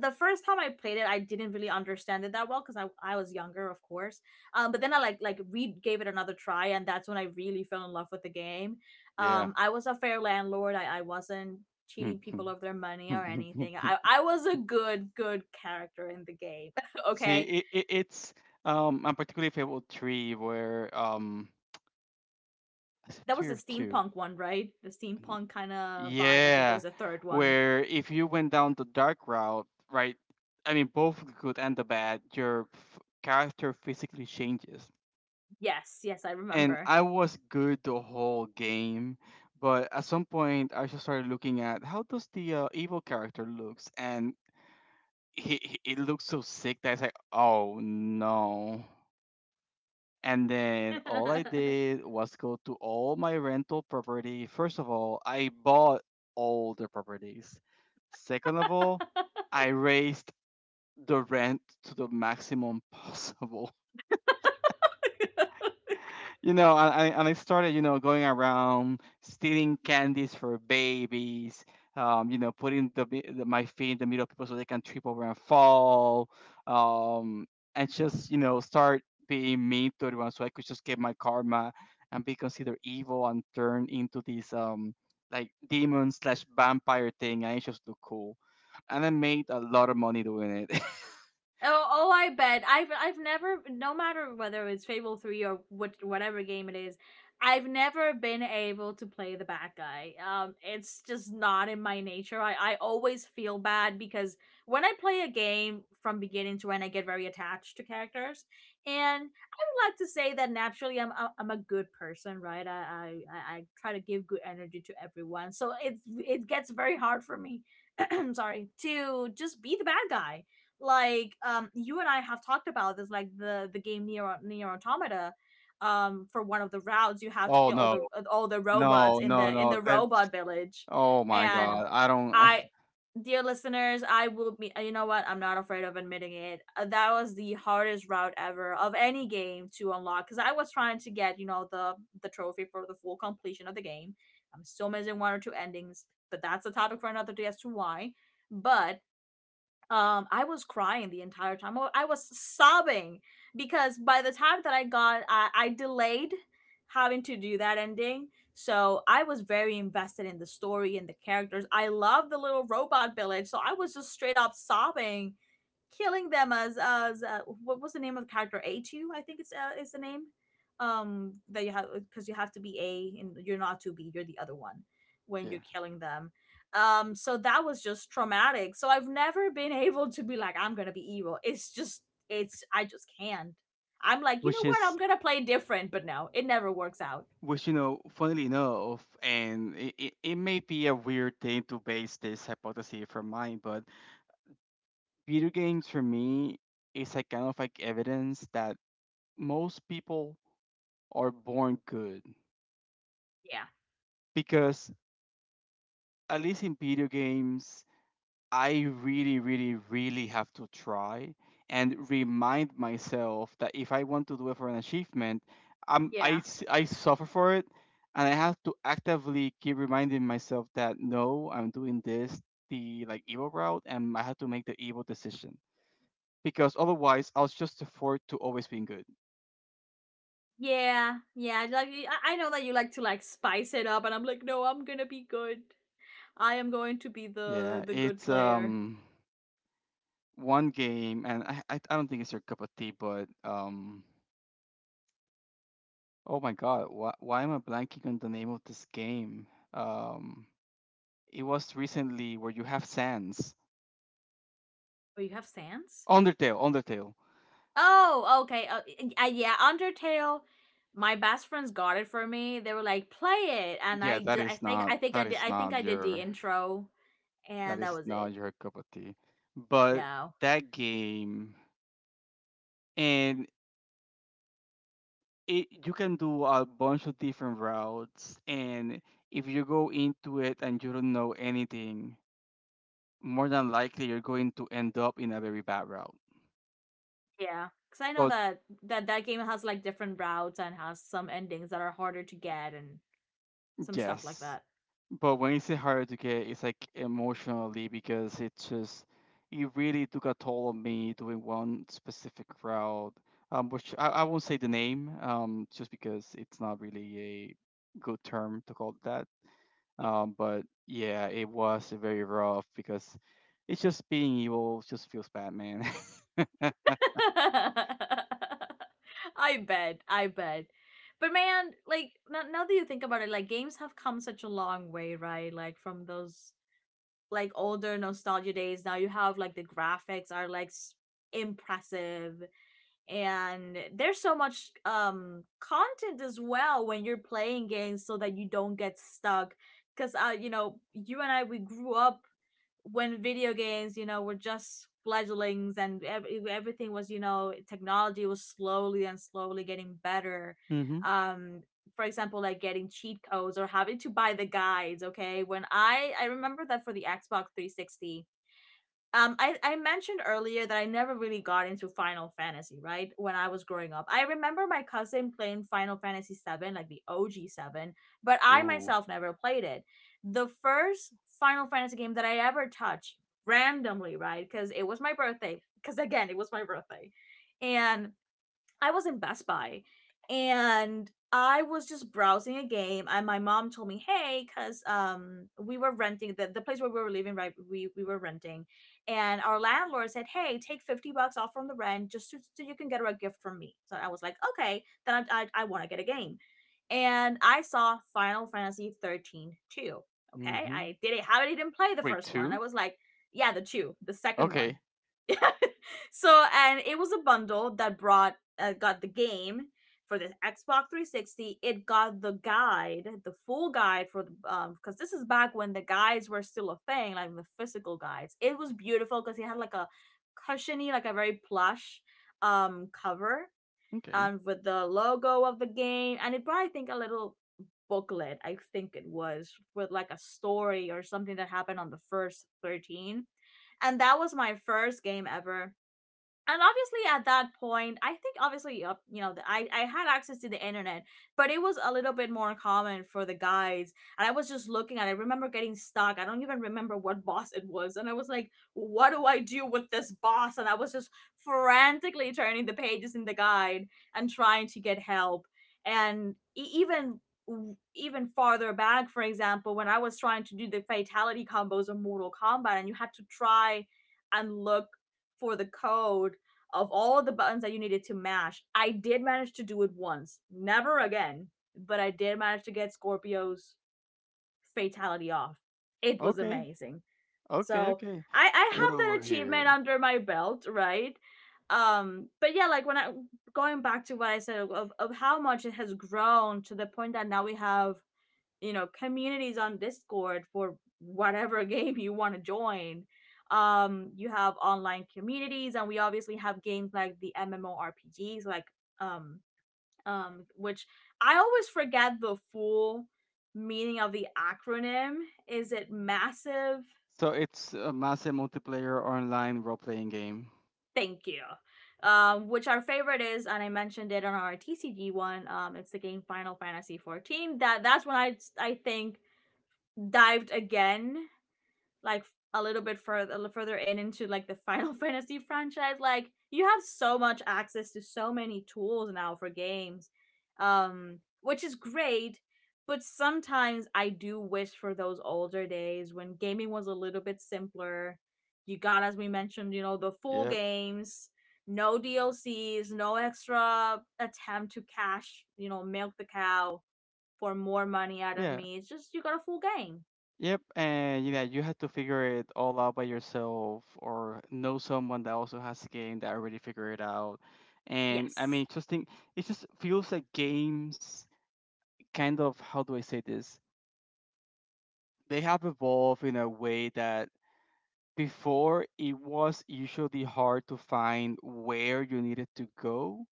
[SPEAKER 1] the first time I played it, I didn't really understand it that well because I was younger, of course. But then I re gave it another try, and that's when I really fell in love with the game.
[SPEAKER 2] Yeah.
[SPEAKER 1] I was a fair landlord. I wasn't cheating people of their money or anything. I was a good good character in the game.
[SPEAKER 2] See,
[SPEAKER 1] Okay,
[SPEAKER 2] it's I'm particularly Fable 3 where is it
[SPEAKER 1] that
[SPEAKER 2] 3
[SPEAKER 1] was the
[SPEAKER 2] or 2?
[SPEAKER 1] steampunk one, right? The steampunk kind of vibe. I think it
[SPEAKER 2] Yeah,
[SPEAKER 1] was the third one.
[SPEAKER 2] where if you went down the dark route, right? I mean both the good and the bad, your character physically changes.
[SPEAKER 1] Yes, yes, I
[SPEAKER 2] And
[SPEAKER 1] remember.
[SPEAKER 2] I was good the whole game, but at some point I just started looking at how does the evil character looks, and he it looks so sick that it's like, "Oh no." And then all I did was go to all my rental property. First of all, I bought all the properties. Second of all, I raised the rent to the maximum possible. And I started, going around stealing candies for babies. Putting the my feet in the middle of people so they can trip over and fall. Um, and just start being mean to everyone so I could just get my karma and be considered evil and turn into this like demon slash vampire thing. I just look cool, and I made a lot of money doing it.
[SPEAKER 1] Oh, oh, I bet. I've never, no matter whether it's Fable Three or what, whatever game it is, I've never been able to play the bad guy. It's just not in my nature. I always feel bad because when I play a game from beginning to end, I get very attached to characters, and I would like to say that naturally I'm a good person, right? I try to give good energy to everyone, so it gets very hard for me. Sorry to just be the bad guy like you and I have talked about this like the game Near Automata. For one of the routes you have to
[SPEAKER 2] Oh
[SPEAKER 1] kill all
[SPEAKER 2] no,
[SPEAKER 1] the robots
[SPEAKER 2] no,
[SPEAKER 1] in
[SPEAKER 2] no,
[SPEAKER 1] the
[SPEAKER 2] no.
[SPEAKER 1] robot
[SPEAKER 2] That's
[SPEAKER 1] village,
[SPEAKER 2] oh my
[SPEAKER 1] and
[SPEAKER 2] god. I don't.
[SPEAKER 1] I, dear listeners, I will be you know what, I'm not afraid of admitting it. That was the hardest route ever of any game to unlock because I was trying to get you know the trophy for the full completion of the game. I'm still missing one or two endings, but that's a topic for another day as to why. But I was crying the entire time, I was sobbing because by the time that I delayed having to do that ending, so I was very invested in the story and the characters. I love the little robot village, so I was just straight up sobbing killing them as what was the name of the character, A two I think it's is the name that you have because you have to be A and you're not to be you're the other one when you're
[SPEAKER 2] Yeah.
[SPEAKER 1] killing them. So that was just traumatic, so I've never been able to be like I'm gonna be evil. It's just it's I just can't. I'm like you know
[SPEAKER 2] Which
[SPEAKER 1] what, I'm
[SPEAKER 2] is
[SPEAKER 1] gonna play different, but no it never works out.
[SPEAKER 2] which funnily enough, and it may be a weird thing to base this hypothesis from mine, but video games for me is like kind of like evidence that most people are born good
[SPEAKER 1] Yeah.
[SPEAKER 2] because at least in video games I really have to try and remind myself that if I want to do it for an achievement,
[SPEAKER 1] Yeah.
[SPEAKER 2] I suffer for it, and I have to actively keep reminding myself that no, I'm doing this the like evil route and I have to make the evil decision because otherwise I was just afford to always being good.
[SPEAKER 1] Yeah, yeah, like I know that you like to like spice it up and I'm like no, I'm gonna be good. I am going to be the
[SPEAKER 2] Yeah,
[SPEAKER 1] good
[SPEAKER 2] it's
[SPEAKER 1] player.
[SPEAKER 2] one game, and I don't think it's your cup of tea, but oh my God, why am I blanking on the name of this game? Um, it was recently where you have sands.
[SPEAKER 1] Oh, you have Sans?
[SPEAKER 2] Undertale, Undertale.
[SPEAKER 1] Oh, okay. Yeah, Undertale. My best friends got it for me. They were like, "Play it," and
[SPEAKER 2] Yeah,
[SPEAKER 1] I
[SPEAKER 2] that
[SPEAKER 1] just,
[SPEAKER 2] is not that is
[SPEAKER 1] I think
[SPEAKER 2] not
[SPEAKER 1] I did the
[SPEAKER 2] your
[SPEAKER 1] intro,
[SPEAKER 2] that
[SPEAKER 1] and that
[SPEAKER 2] is
[SPEAKER 1] was
[SPEAKER 2] not
[SPEAKER 1] it.
[SPEAKER 2] your cup of tea, but
[SPEAKER 1] No,
[SPEAKER 2] that game and it, you can do a bunch of different routes, and if you go into it and you don't know anything, more than likely you're going to end up in a very bad route.
[SPEAKER 1] yeah, because I know
[SPEAKER 2] But
[SPEAKER 1] that that game has like different routes and has some endings that are harder to get and some stuff like
[SPEAKER 2] yes,
[SPEAKER 1] that.
[SPEAKER 2] but when it's harder to get, it's like emotionally because it really took a toll on me doing one specific route, which I won't say the name, just because it's not really a good term to call it that. But yeah, it was very rough because it's just being evil just feels bad, man.
[SPEAKER 1] I bet, I bet. But man, like now that you think about it, like games have come such a long way, right? Like from those like older nostalgia days, now you have like the graphics are like impressive, and there's so much content as well when you're playing games so that you don't get stuck because you know, you and I, we grew up when video games, you know, were just fledglings and everything was, you know, technology was slowly and slowly getting better.
[SPEAKER 2] Mhm.
[SPEAKER 1] Um, for example, like getting cheat codes or having to buy the guides. Okay, when I remember that for the Xbox 360, I mentioned earlier that I never really got into Final Fantasy, right? When I was growing up, I remember my cousin playing Final Fantasy 7, like the OG 7, but I
[SPEAKER 2] Ooh.
[SPEAKER 1] myself never played it. The first Final Fantasy game that I ever touched randomly, right, because it was my birthday, because again, it was my birthday, and I was in Best Buy, and I was just browsing a game, and my mom told me, "Hey, cuz we were renting, the place where we were living, right, we were renting, and our landlord said, 'Hey, take 50 bucks off from the rent just to, so you can get her a gift from me.'" So I was like, "Okay, then I want to get a game." And I saw Final Fantasy 13 too. Okay?
[SPEAKER 2] Mhm.
[SPEAKER 1] I did it. How? I didn't play the
[SPEAKER 2] Wait,
[SPEAKER 1] first one. I
[SPEAKER 2] two?
[SPEAKER 1] was like, "Yeah, the two, the second one."
[SPEAKER 2] Okay.
[SPEAKER 1] So, and it was a bundle that brought got the game for the Xbox 360. It got the guide, the full guide, for the because this is back when the guides were still a thing, like the physical guides. It was beautiful because it had like a cushiony, like a very plush cover
[SPEAKER 2] Okay.
[SPEAKER 1] with the logo of the game, and it brought, I think, a little booklet. I think it was with like a story or something that happened on the first 13, and that was my first game ever. And obviously at that point, I think obviously, you know, I had access to the internet, but it was a little bit more common for the guys, and I was just looking at it. I remember getting stuck. I don't even remember what boss it was, and I was like, what do I do with this boss? And I was just frantically turning the pages in the guide and trying to get help. And even farther back, for example, when I was trying to do the fatality combos of Mortal Kombat, and you had to try and look for the code of all of the buttons that you needed to mash. I did manage to do it once. Never again, but I did manage to get Scorpio's fatality off. It was
[SPEAKER 2] Okay,
[SPEAKER 1] amazing.
[SPEAKER 2] okay,
[SPEAKER 1] So
[SPEAKER 2] okay.
[SPEAKER 1] I
[SPEAKER 2] Get
[SPEAKER 1] have that
[SPEAKER 2] over
[SPEAKER 1] achievement
[SPEAKER 2] here.
[SPEAKER 1] under my belt, right? But yeah, like when I, going back to what I said of how much it has grown to the point that now we have, you know, communities on Discord for whatever game you want to join. You have online communities, and we obviously have games like the MMORPGs, like um which I always forget the full meaning of the acronym. Is it massive?
[SPEAKER 2] So it's a massive multiplayer online role-playing game.
[SPEAKER 1] Thank you. Which our favorite is, and I mentioned it on our TCG one, it's the game Final Fantasy 14. That that's when I think dived again, like a little bit further in, into like the Final Fantasy franchise. Like, you have so much access to so many tools now for games, which is great. But sometimes I do wish for those older days when gaming was a little bit simpler. You got, as we mentioned, you know, the full
[SPEAKER 2] Yep.
[SPEAKER 1] games, no DLCs, no extra attempt to cash, you know, milk the cow for more money out of
[SPEAKER 2] Yeah.
[SPEAKER 1] me. It's just you got a full game.
[SPEAKER 2] Yep. And yeah, you had to figure it all out by yourself, or know someone that also has a game that already figured it out. And I
[SPEAKER 1] Yes.
[SPEAKER 2] mean, just think, it just feels like games, kind of how do I say this? They have evolved in a way that before it was usually hard to find where you needed to go,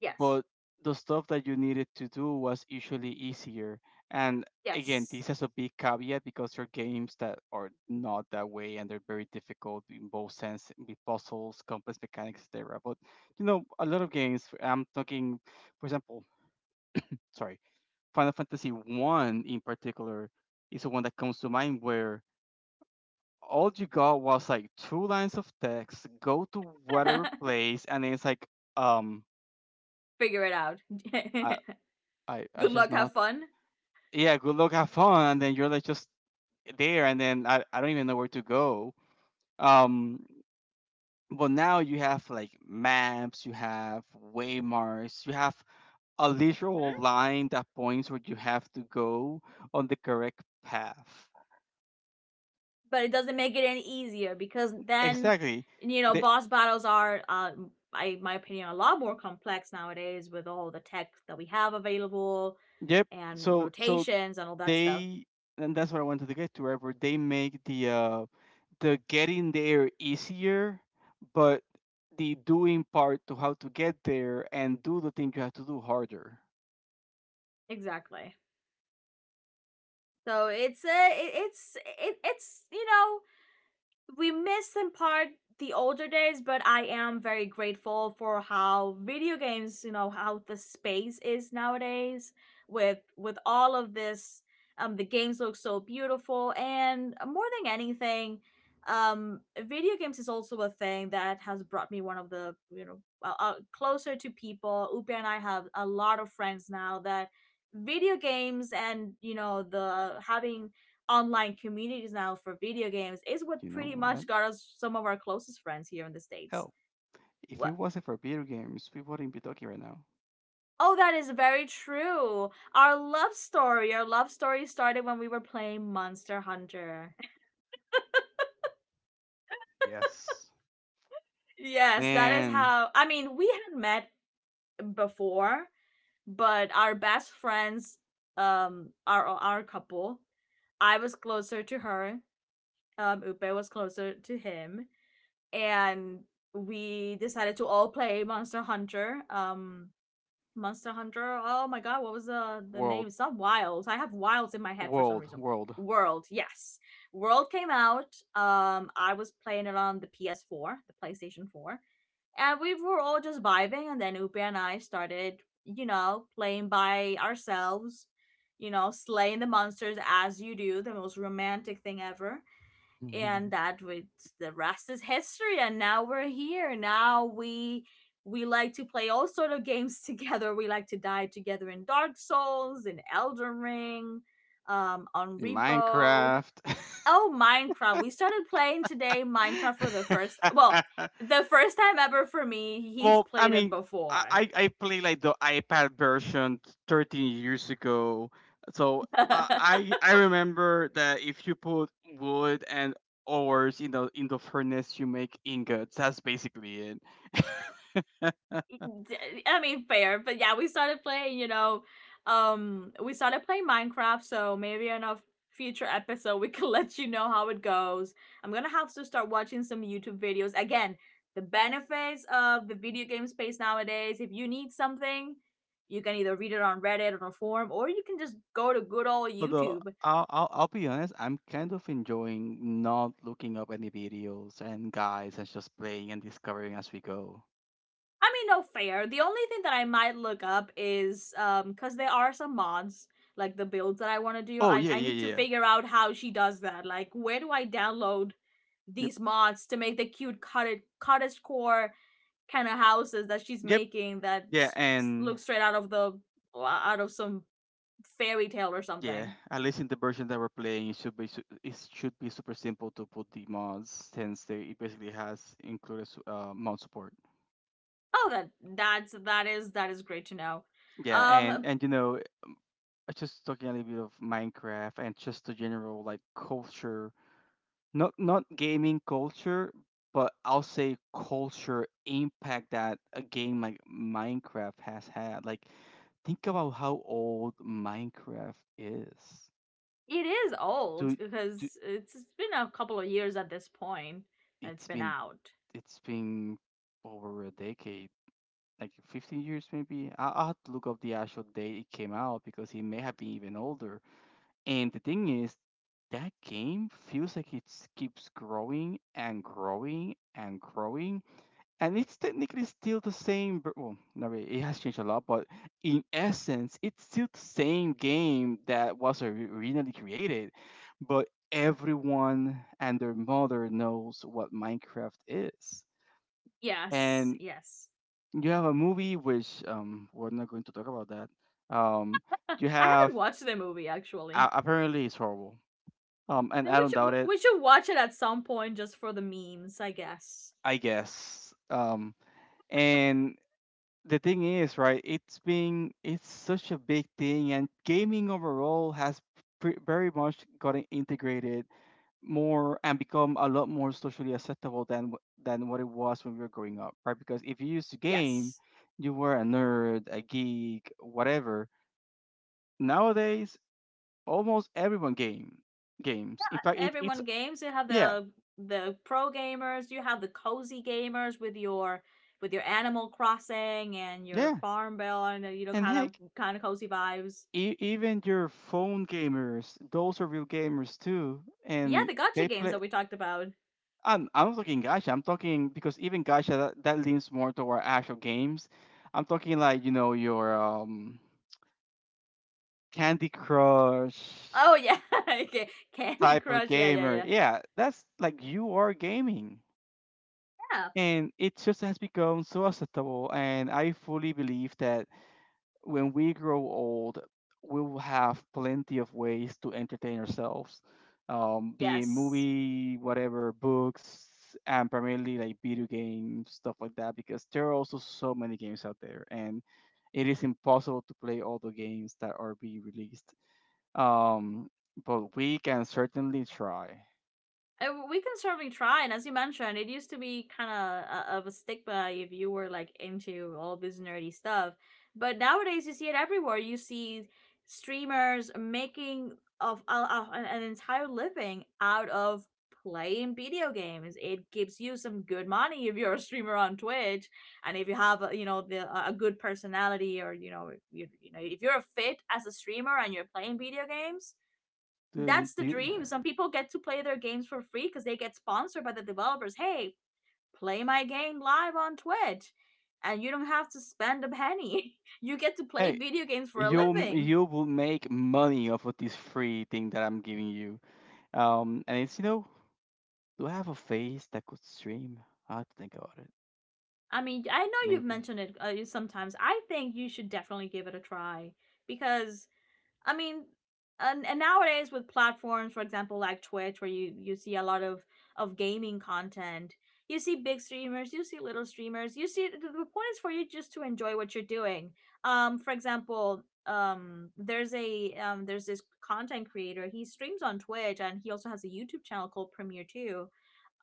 [SPEAKER 1] Yes.
[SPEAKER 2] but the stuff that you needed to do was usually easier. And again,
[SPEAKER 1] Yes.
[SPEAKER 2] this has a big caveat because there are games that are not that way and they're very difficult in both sense with puzzles, complex mechanics, etc. But you know, a lot of games. I'm talking, for example, sorry, Final Fantasy One in particular is the one that comes to mind where all you got was like two lines of text. Go to whatever place, and then it's like, um,
[SPEAKER 1] Figure it out.
[SPEAKER 2] I I
[SPEAKER 1] Good luck,
[SPEAKER 2] just know how,
[SPEAKER 1] have fun.
[SPEAKER 2] yeah, good luck, have fun, and then you're like just there, and then I don't even know where to go. Um, but now you have like maps, you have waymarks, you have a
[SPEAKER 1] Mm-hmm.
[SPEAKER 2] literal line that points where you have to go on the correct path.
[SPEAKER 1] But it doesn't make it any easier because then,
[SPEAKER 2] Exactly.
[SPEAKER 1] you know,
[SPEAKER 2] They,
[SPEAKER 1] boss battles are, I, my opinion, a lot more complex nowadays with all the tech that we have available
[SPEAKER 2] yep.
[SPEAKER 1] and
[SPEAKER 2] So
[SPEAKER 1] rotations and all that stuff.
[SPEAKER 2] they, and that's what I wanted to get to. Wherever they make the getting there easier, but the doing part to how to get there and do the thing you have to do harder.
[SPEAKER 1] Exactly. So it's a, it's, you know, we miss in part the older days, but I am very grateful for how video games, you know, how the space is nowadays with all of this. The games look so beautiful, and more than anything, um, video games is also a thing that has brought me one of the, you know, closer to people. Upe and I have a lot of friends now that video games and, you know, the having online communities now for video games is what
[SPEAKER 2] You know
[SPEAKER 1] pretty
[SPEAKER 2] what?
[SPEAKER 1] much got us some of our closest friends here in the States.
[SPEAKER 2] Hell, if it
[SPEAKER 1] What?
[SPEAKER 2] wasn't for video games, we wouldn't be talking right now.
[SPEAKER 1] Oh, that is very true. Our love story started when we were playing Monster Hunter.
[SPEAKER 2] Yes.
[SPEAKER 1] Yes, that is
[SPEAKER 2] Man,
[SPEAKER 1] how. I mean, we had met before, but our best friends, our couple. I was closer to her. Upe was closer to him, and we decided to all play Monster Hunter. Monster Hunter. Oh my god, what was the
[SPEAKER 2] world,
[SPEAKER 1] name? It's not Wilds. I have Wilds in my head for some reason.
[SPEAKER 2] world.
[SPEAKER 1] World, yes. World came out. I was playing it on the PS4, the PlayStation 4, and we were all just vibing. And then Upe and I started, you know, playing by ourselves. You know, slaying the monsters as you do, the most romantic thing ever. And
[SPEAKER 2] In
[SPEAKER 1] that, with the rest is history, and now we're here. Now we we like to play all sort of games together. We like to die together in Dark Souls, in Elden Ring, on Repo.
[SPEAKER 2] Minecraft.
[SPEAKER 1] Oh, Minecraft. We started playing today Minecraft for the first, well, the first time ever for me. He's
[SPEAKER 2] Well, I
[SPEAKER 1] played it
[SPEAKER 2] mean, I
[SPEAKER 1] before.
[SPEAKER 2] I I play like the iPad version 13 years ago, so I remember that if you put wood and ores in the furnace, you make ingots. That's basically it.
[SPEAKER 1] I mean, fair, but yeah, we started playing. You know, we started playing Minecraft. So maybe in a future episode, we can let you know how it goes. I'm gonna have to start watching some YouTube videos again. The benefits of the video game space nowadays. If you need something, you can either read it on Reddit or a forum, or you can just go to good old
[SPEAKER 2] Although
[SPEAKER 1] YouTube.
[SPEAKER 2] I'll be honest, I'm kind of enjoying not looking up any videos and guides and just playing and discovering as we go.
[SPEAKER 1] I mean, no, fair. The only thing that I might look up is cause there are some mods, like the builds that I want to do.
[SPEAKER 2] Oh
[SPEAKER 1] I
[SPEAKER 2] yeah
[SPEAKER 1] I
[SPEAKER 2] yeah
[SPEAKER 1] need to
[SPEAKER 2] yeah. yeah.
[SPEAKER 1] figure out how she does that. Like, where do I download
[SPEAKER 2] Yep
[SPEAKER 1] these mods to make the cute cottage core kind of houses that she's
[SPEAKER 2] yep
[SPEAKER 1] making that
[SPEAKER 2] yeah and
[SPEAKER 1] look straight out of some fairy tale or
[SPEAKER 2] Yeah,
[SPEAKER 1] something.
[SPEAKER 2] at least in the version that we're playing, it should be it should be super simple to put the mods since they it basically has included mod support.
[SPEAKER 1] Oh, that is that is great to know.
[SPEAKER 2] Yeah,
[SPEAKER 1] Um,
[SPEAKER 2] and you know, just talking a little bit of Minecraft and just the general like culture, not not gaming culture, but I'll say culture impact that a game like Minecraft has had. Like, think about how old Minecraft is.
[SPEAKER 1] It is
[SPEAKER 2] Do
[SPEAKER 1] old
[SPEAKER 2] do
[SPEAKER 1] because it's been a couple of years at this point it's
[SPEAKER 2] it's
[SPEAKER 1] been
[SPEAKER 2] been,
[SPEAKER 1] out.
[SPEAKER 2] it's been over a decade, like 15 years maybe. I'll have to look up the actual date it came out because it may have been even older. And the thing is, that game feels like it keeps growing and growing and growing. And it's technically still the same. Well, not really, it has changed a lot, but in essence, it's still the same game that was originally created. But everyone and their mother knows what Minecraft is.
[SPEAKER 1] Yes,
[SPEAKER 2] And
[SPEAKER 1] yes.
[SPEAKER 2] you have a movie which we're not going to talk about that, um
[SPEAKER 1] I
[SPEAKER 2] you have
[SPEAKER 1] haven't watched the movie, actually.
[SPEAKER 2] apparently it's horrible, and
[SPEAKER 1] You know,
[SPEAKER 2] I
[SPEAKER 1] we
[SPEAKER 2] don't
[SPEAKER 1] should
[SPEAKER 2] doubt it,
[SPEAKER 1] we should watch it at some point just for the memes, I guess.
[SPEAKER 2] I guess. And the thing is, right, it's such a big thing and gaming overall has very much gotten integrated more and become a lot more socially acceptable than than what it was when we were growing up, right? Because if you used to game
[SPEAKER 1] Yes.
[SPEAKER 2] you were a nerd, a geek, whatever. Nowadays almost everyone game games. In fact, it's
[SPEAKER 1] Everyone games. You have
[SPEAKER 2] yeah,
[SPEAKER 1] the pro gamers. You have the cozy gamers with your Animal Crossing and your
[SPEAKER 2] yeah,
[SPEAKER 1] Farm Bill and you know,
[SPEAKER 2] and
[SPEAKER 1] kind of
[SPEAKER 2] heck,
[SPEAKER 1] kind of cozy vibes.
[SPEAKER 2] even your phone gamers, those are real gamers too,
[SPEAKER 1] Yeah,
[SPEAKER 2] and
[SPEAKER 1] the gotcha
[SPEAKER 2] they
[SPEAKER 1] games
[SPEAKER 2] play.
[SPEAKER 1] that we talked about.
[SPEAKER 2] I'm not talking gacha. I'm talking because even gacha that, that leans more toward actual games. I'm talking like you know your Candy Crush
[SPEAKER 1] Oh yeah, okay. Candy
[SPEAKER 2] type of
[SPEAKER 1] Crush. Yeah, yeah,
[SPEAKER 2] gamer.
[SPEAKER 1] yeah.
[SPEAKER 2] Yeah, that's like you are gaming.
[SPEAKER 1] Yeah.
[SPEAKER 2] And it just has become so acceptable, and I fully believe that when we grow old, we will have plenty of ways to entertain ourselves, be it
[SPEAKER 1] Yes.
[SPEAKER 2] movie, whatever, books, and primarily like video games, stuff like that, because there are also so many games out there, and it is impossible to play all the games that are being released. Um, but we can certainly try.
[SPEAKER 1] We can certainly try. And as you mentioned, it used to be kind of a stigma if you were like into all this nerdy stuff. But nowadays, you see it everywhere. You see streamers making a of an entire living out of playing video games. It gives you some good money if you're a streamer on Twitch, and if you have you know, the a good personality, or you know, if you're fit as a streamer and you're playing video games,
[SPEAKER 2] Do- do-
[SPEAKER 1] that's the
[SPEAKER 2] do
[SPEAKER 1] dream. Some people get to play their games for free because they get sponsored by the developers. Hey, play my game live on Twitch, and you don't have to spend a penny. You get to play
[SPEAKER 2] Hey,
[SPEAKER 1] video games for a
[SPEAKER 2] you
[SPEAKER 1] living.
[SPEAKER 2] you will make money off of this free thing that I'm giving you. And it's you know, do I have a face that could stream? I have to think about it.
[SPEAKER 1] I mean, I know you've
[SPEAKER 2] Maybe.
[SPEAKER 1] mentioned it sometimes. I think you should definitely give it a try because, I mean, and nowadays with platforms, for example, like Twitch, where you see a lot of gaming content, you see big streamers, you see little streamers, you see the point is for you just to enjoy what you're doing. For example, there's a there's this content creator. He streams on Twitch, and he also has a YouTube channel called Premiere Two,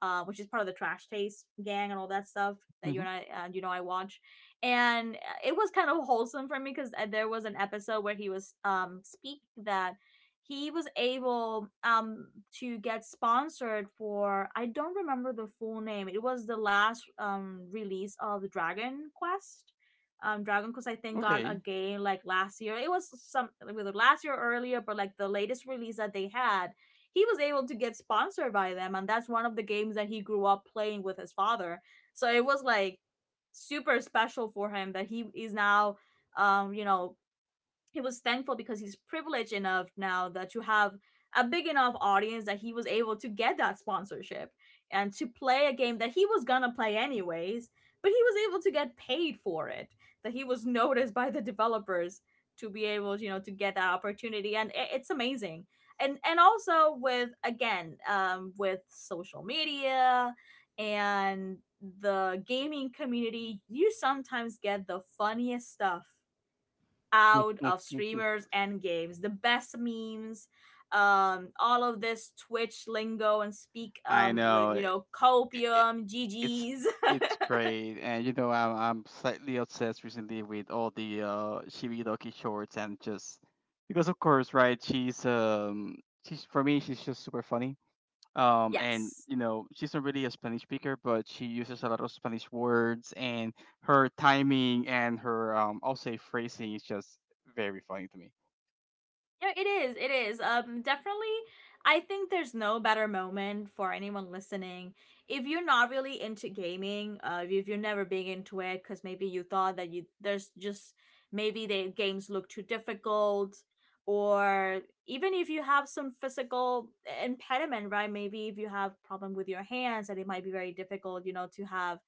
[SPEAKER 1] which is part of the Trash Taste gang and all that stuff that you
[SPEAKER 2] Hmm.
[SPEAKER 1] and I, I watch. And it was kind of wholesome for me because there was an episode where he was speaking that he was able to get sponsored for I don't remember the full name. It was the last release of Dragon Quest. Dragon Quest, I think, got a
[SPEAKER 2] Okay.
[SPEAKER 1] game like last year. It was some, whether last year or earlier, but like the latest release that they had. He was able to get sponsored by them, and that's one of the games that he grew up playing with his father, so it was like super special for him that he is now, um you know he was thankful because he's privileged enough now that to have a big enough audience that he was able to get that sponsorship and to play a game that he was gonna play anyways, but he was able to get paid for it, that he was noticed by the developers to be able, you know, to get that opportunity. And it's amazing. And also with, again, with social media and the gaming community, you sometimes get the funniest stuff out of streamers and games. The best memes, all of this Twitch lingo and speak,
[SPEAKER 2] I know it,
[SPEAKER 1] copium,
[SPEAKER 2] it's
[SPEAKER 1] GGs.
[SPEAKER 2] it's great, and you know I'm slightly obsessed recently with all the Shiridoki shorts, and just because of course, right? She's for me she's just super funny. And
[SPEAKER 1] yes.
[SPEAKER 2] you know she's not really a Spanish speaker, but she uses a lot of Spanish words, and her timing and her I'll say phrasing is just very funny to
[SPEAKER 1] Yeah, it is. It is. Definitely. I think there's no better moment for anyone listening. If you're not really into gaming, if you're never big into it, because maybe you thought that you there's just maybe the games look too difficult, or even if you have some physical impediment, right? Maybe if you have problem with your hands, that it might be very difficult, you know, to have,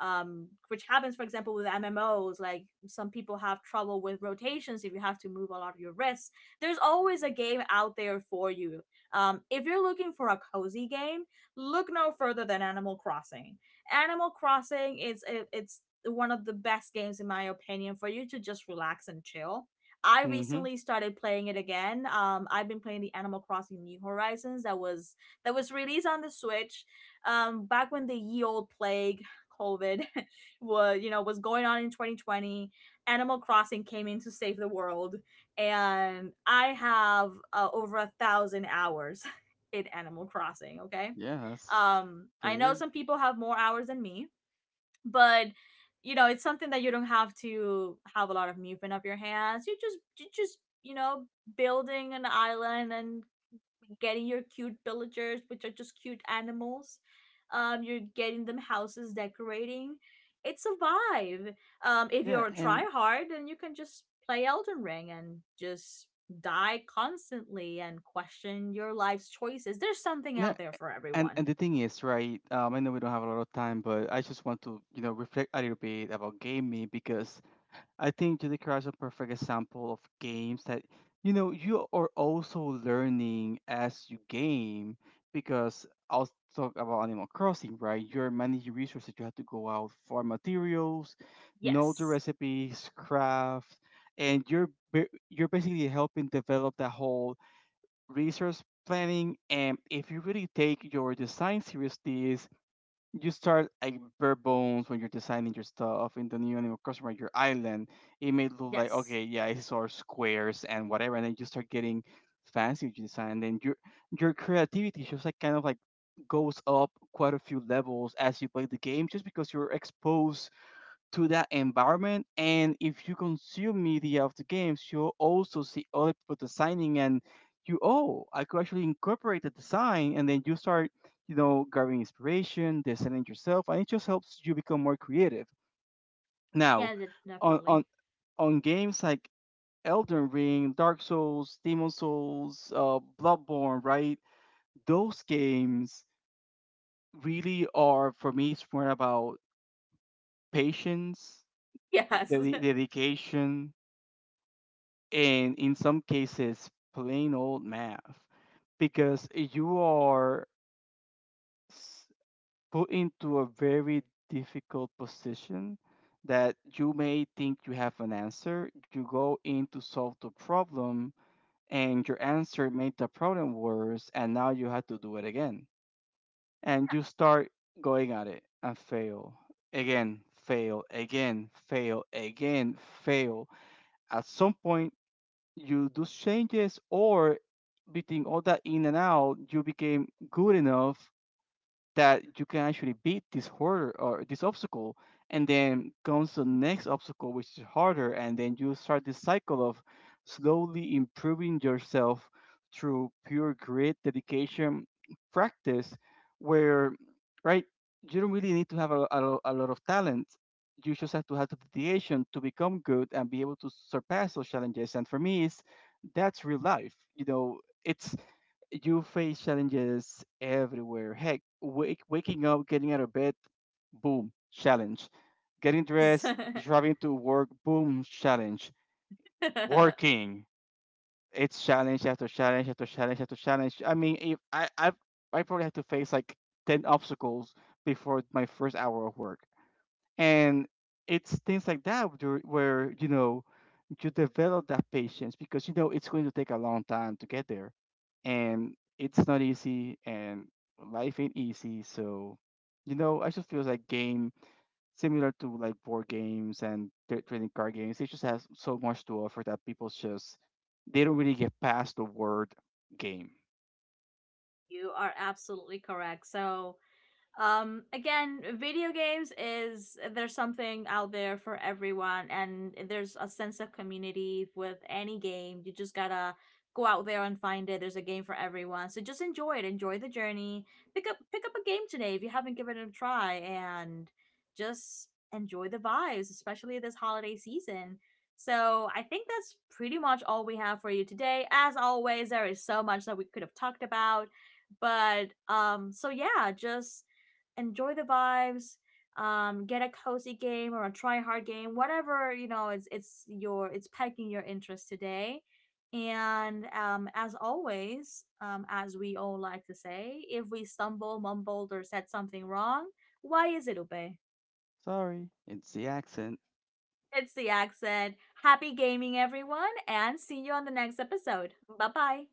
[SPEAKER 1] which happens, for example, with MMOs. Like some people have trouble with rotations if you have to move a lot of your wrists, there's always a game out there for you. If you're looking for a cozy game, look no further than Animal Crossing. Animal Crossing is it's one of the best games in my opinion for you to just relax and chill. I
[SPEAKER 2] me.
[SPEAKER 1] recently started playing it again. I've been playing the Animal Crossing New Horizons that was, that was released on the Switch, back when the ye old plague COVID was, you know, was going on in 2020. Animal Crossing came in to save the world, and I have over 1,000 hours in Animal Crossing. Okay,
[SPEAKER 2] Yeah, that's
[SPEAKER 1] I
[SPEAKER 2] pretty
[SPEAKER 1] know
[SPEAKER 2] good.
[SPEAKER 1] some people have more hours than me, but you know, it's something that you don't have to have a lot of movement up your hands. You just, you just you know building an island and getting your cute villagers, which are just cute animals. You're getting them houses, decorating. It's a vibe. If
[SPEAKER 2] Yeah,
[SPEAKER 1] you're a
[SPEAKER 2] and
[SPEAKER 1] tryhard, then you can just play Elden Ring and just die constantly and question your life's choices. There's something
[SPEAKER 2] na-
[SPEAKER 1] out there for
[SPEAKER 2] and
[SPEAKER 1] everyone.
[SPEAKER 2] the thing is, right? I know we don't have a lot of time, but I just want to, you know, reflect a little bit about gaming because I think Judy Crash is a perfect example of games that, you know, you are also learning as you game because I'll talk about Animal Crossing, right? You're managing resources. You have to go out for materials, know the
[SPEAKER 1] Yes.
[SPEAKER 2] recipes, craft, and you're basically helping develop that whole resource planning, and if you really take your design seriously, you start like bare bones when you're designing your stuff in the new animal customer, your island. It may look like
[SPEAKER 1] Yes.
[SPEAKER 2] okay, yeah, it's all squares and whatever, and then you start getting fancy with your design, and then your creativity just like kind of like goes up quite a few levels as you play the game just because you're exposed to that environment. And if you consume media of the games, you'll also see other people designing and you, oh, I could actually incorporate the design. And then you start, you know, gathering inspiration, designing yourself, and it just helps you become more creative. Now,
[SPEAKER 1] Yeah,
[SPEAKER 2] on,
[SPEAKER 1] definitely.
[SPEAKER 2] on, on games like Elden Ring, Dark Souls, Demon Souls, Bloodborne, right? Those games really are, for me, it's more about patience,
[SPEAKER 1] Yes.
[SPEAKER 2] dedication, and in some cases plain old math because you are s- put into a very difficult position that you may think you have an answer, you go in to solve the problem and your answer made the problem worse, and now you have to do it again, and you start going at it and fail again, fail again, fail again, fail. At some point you do changes, or between all that in and out, you became good enough that you can actually beat this hurdle or this obstacle, and then comes the next obstacle, which is harder, and then you start this cycle of slowly improving yourself through pure grit, dedication, practice, where right, you don't really need to have a lot of talent. You just have to have the dedication to become good and be able to surpass those challenges. And for me, it's that's real life. You know, it's you face challenges everywhere. Heck, waking up, getting out of bed, boom, challenge. Getting
[SPEAKER 1] Yes.
[SPEAKER 2] dressed, driving to work, boom, challenge. Working, it's challenge after challenge after challenge after challenge. I mean, if I I probably had to face like 10 obstacles before my first hour of work, and it's things like that where you know you develop that patience because you know it's going to take a long time to get there, and it's not easy, and life ain't easy, so you know I just feel like game, similar to like board games and trading card games, it just has so much to offer that people just they don't really get past the word game.
[SPEAKER 1] you are absolutely correct. So, again, video games is, there's something out there for everyone, and there's a sense of community with any game. You just gotta go out there and find it. There's a game for everyone, so just enjoy it. Enjoy the journey. Pick up a game today if you haven't given it a try, and just enjoy the vibes, especially this holiday season. So I think that's pretty much all we have for you today. As always, there is so much that we could have talked about, but so yeah, just enjoy the vibes. Get a cozy game or a try hard game, whatever, you know, it's your, it's piquing your interest today. And as always, as we all like to say, if we stumble, mumbled or said something wrong, why is it Ube?
[SPEAKER 2] Sorry, it's the accent.
[SPEAKER 1] It's the accent. Happy gaming, everyone, and see you on the next episode. Bye bye.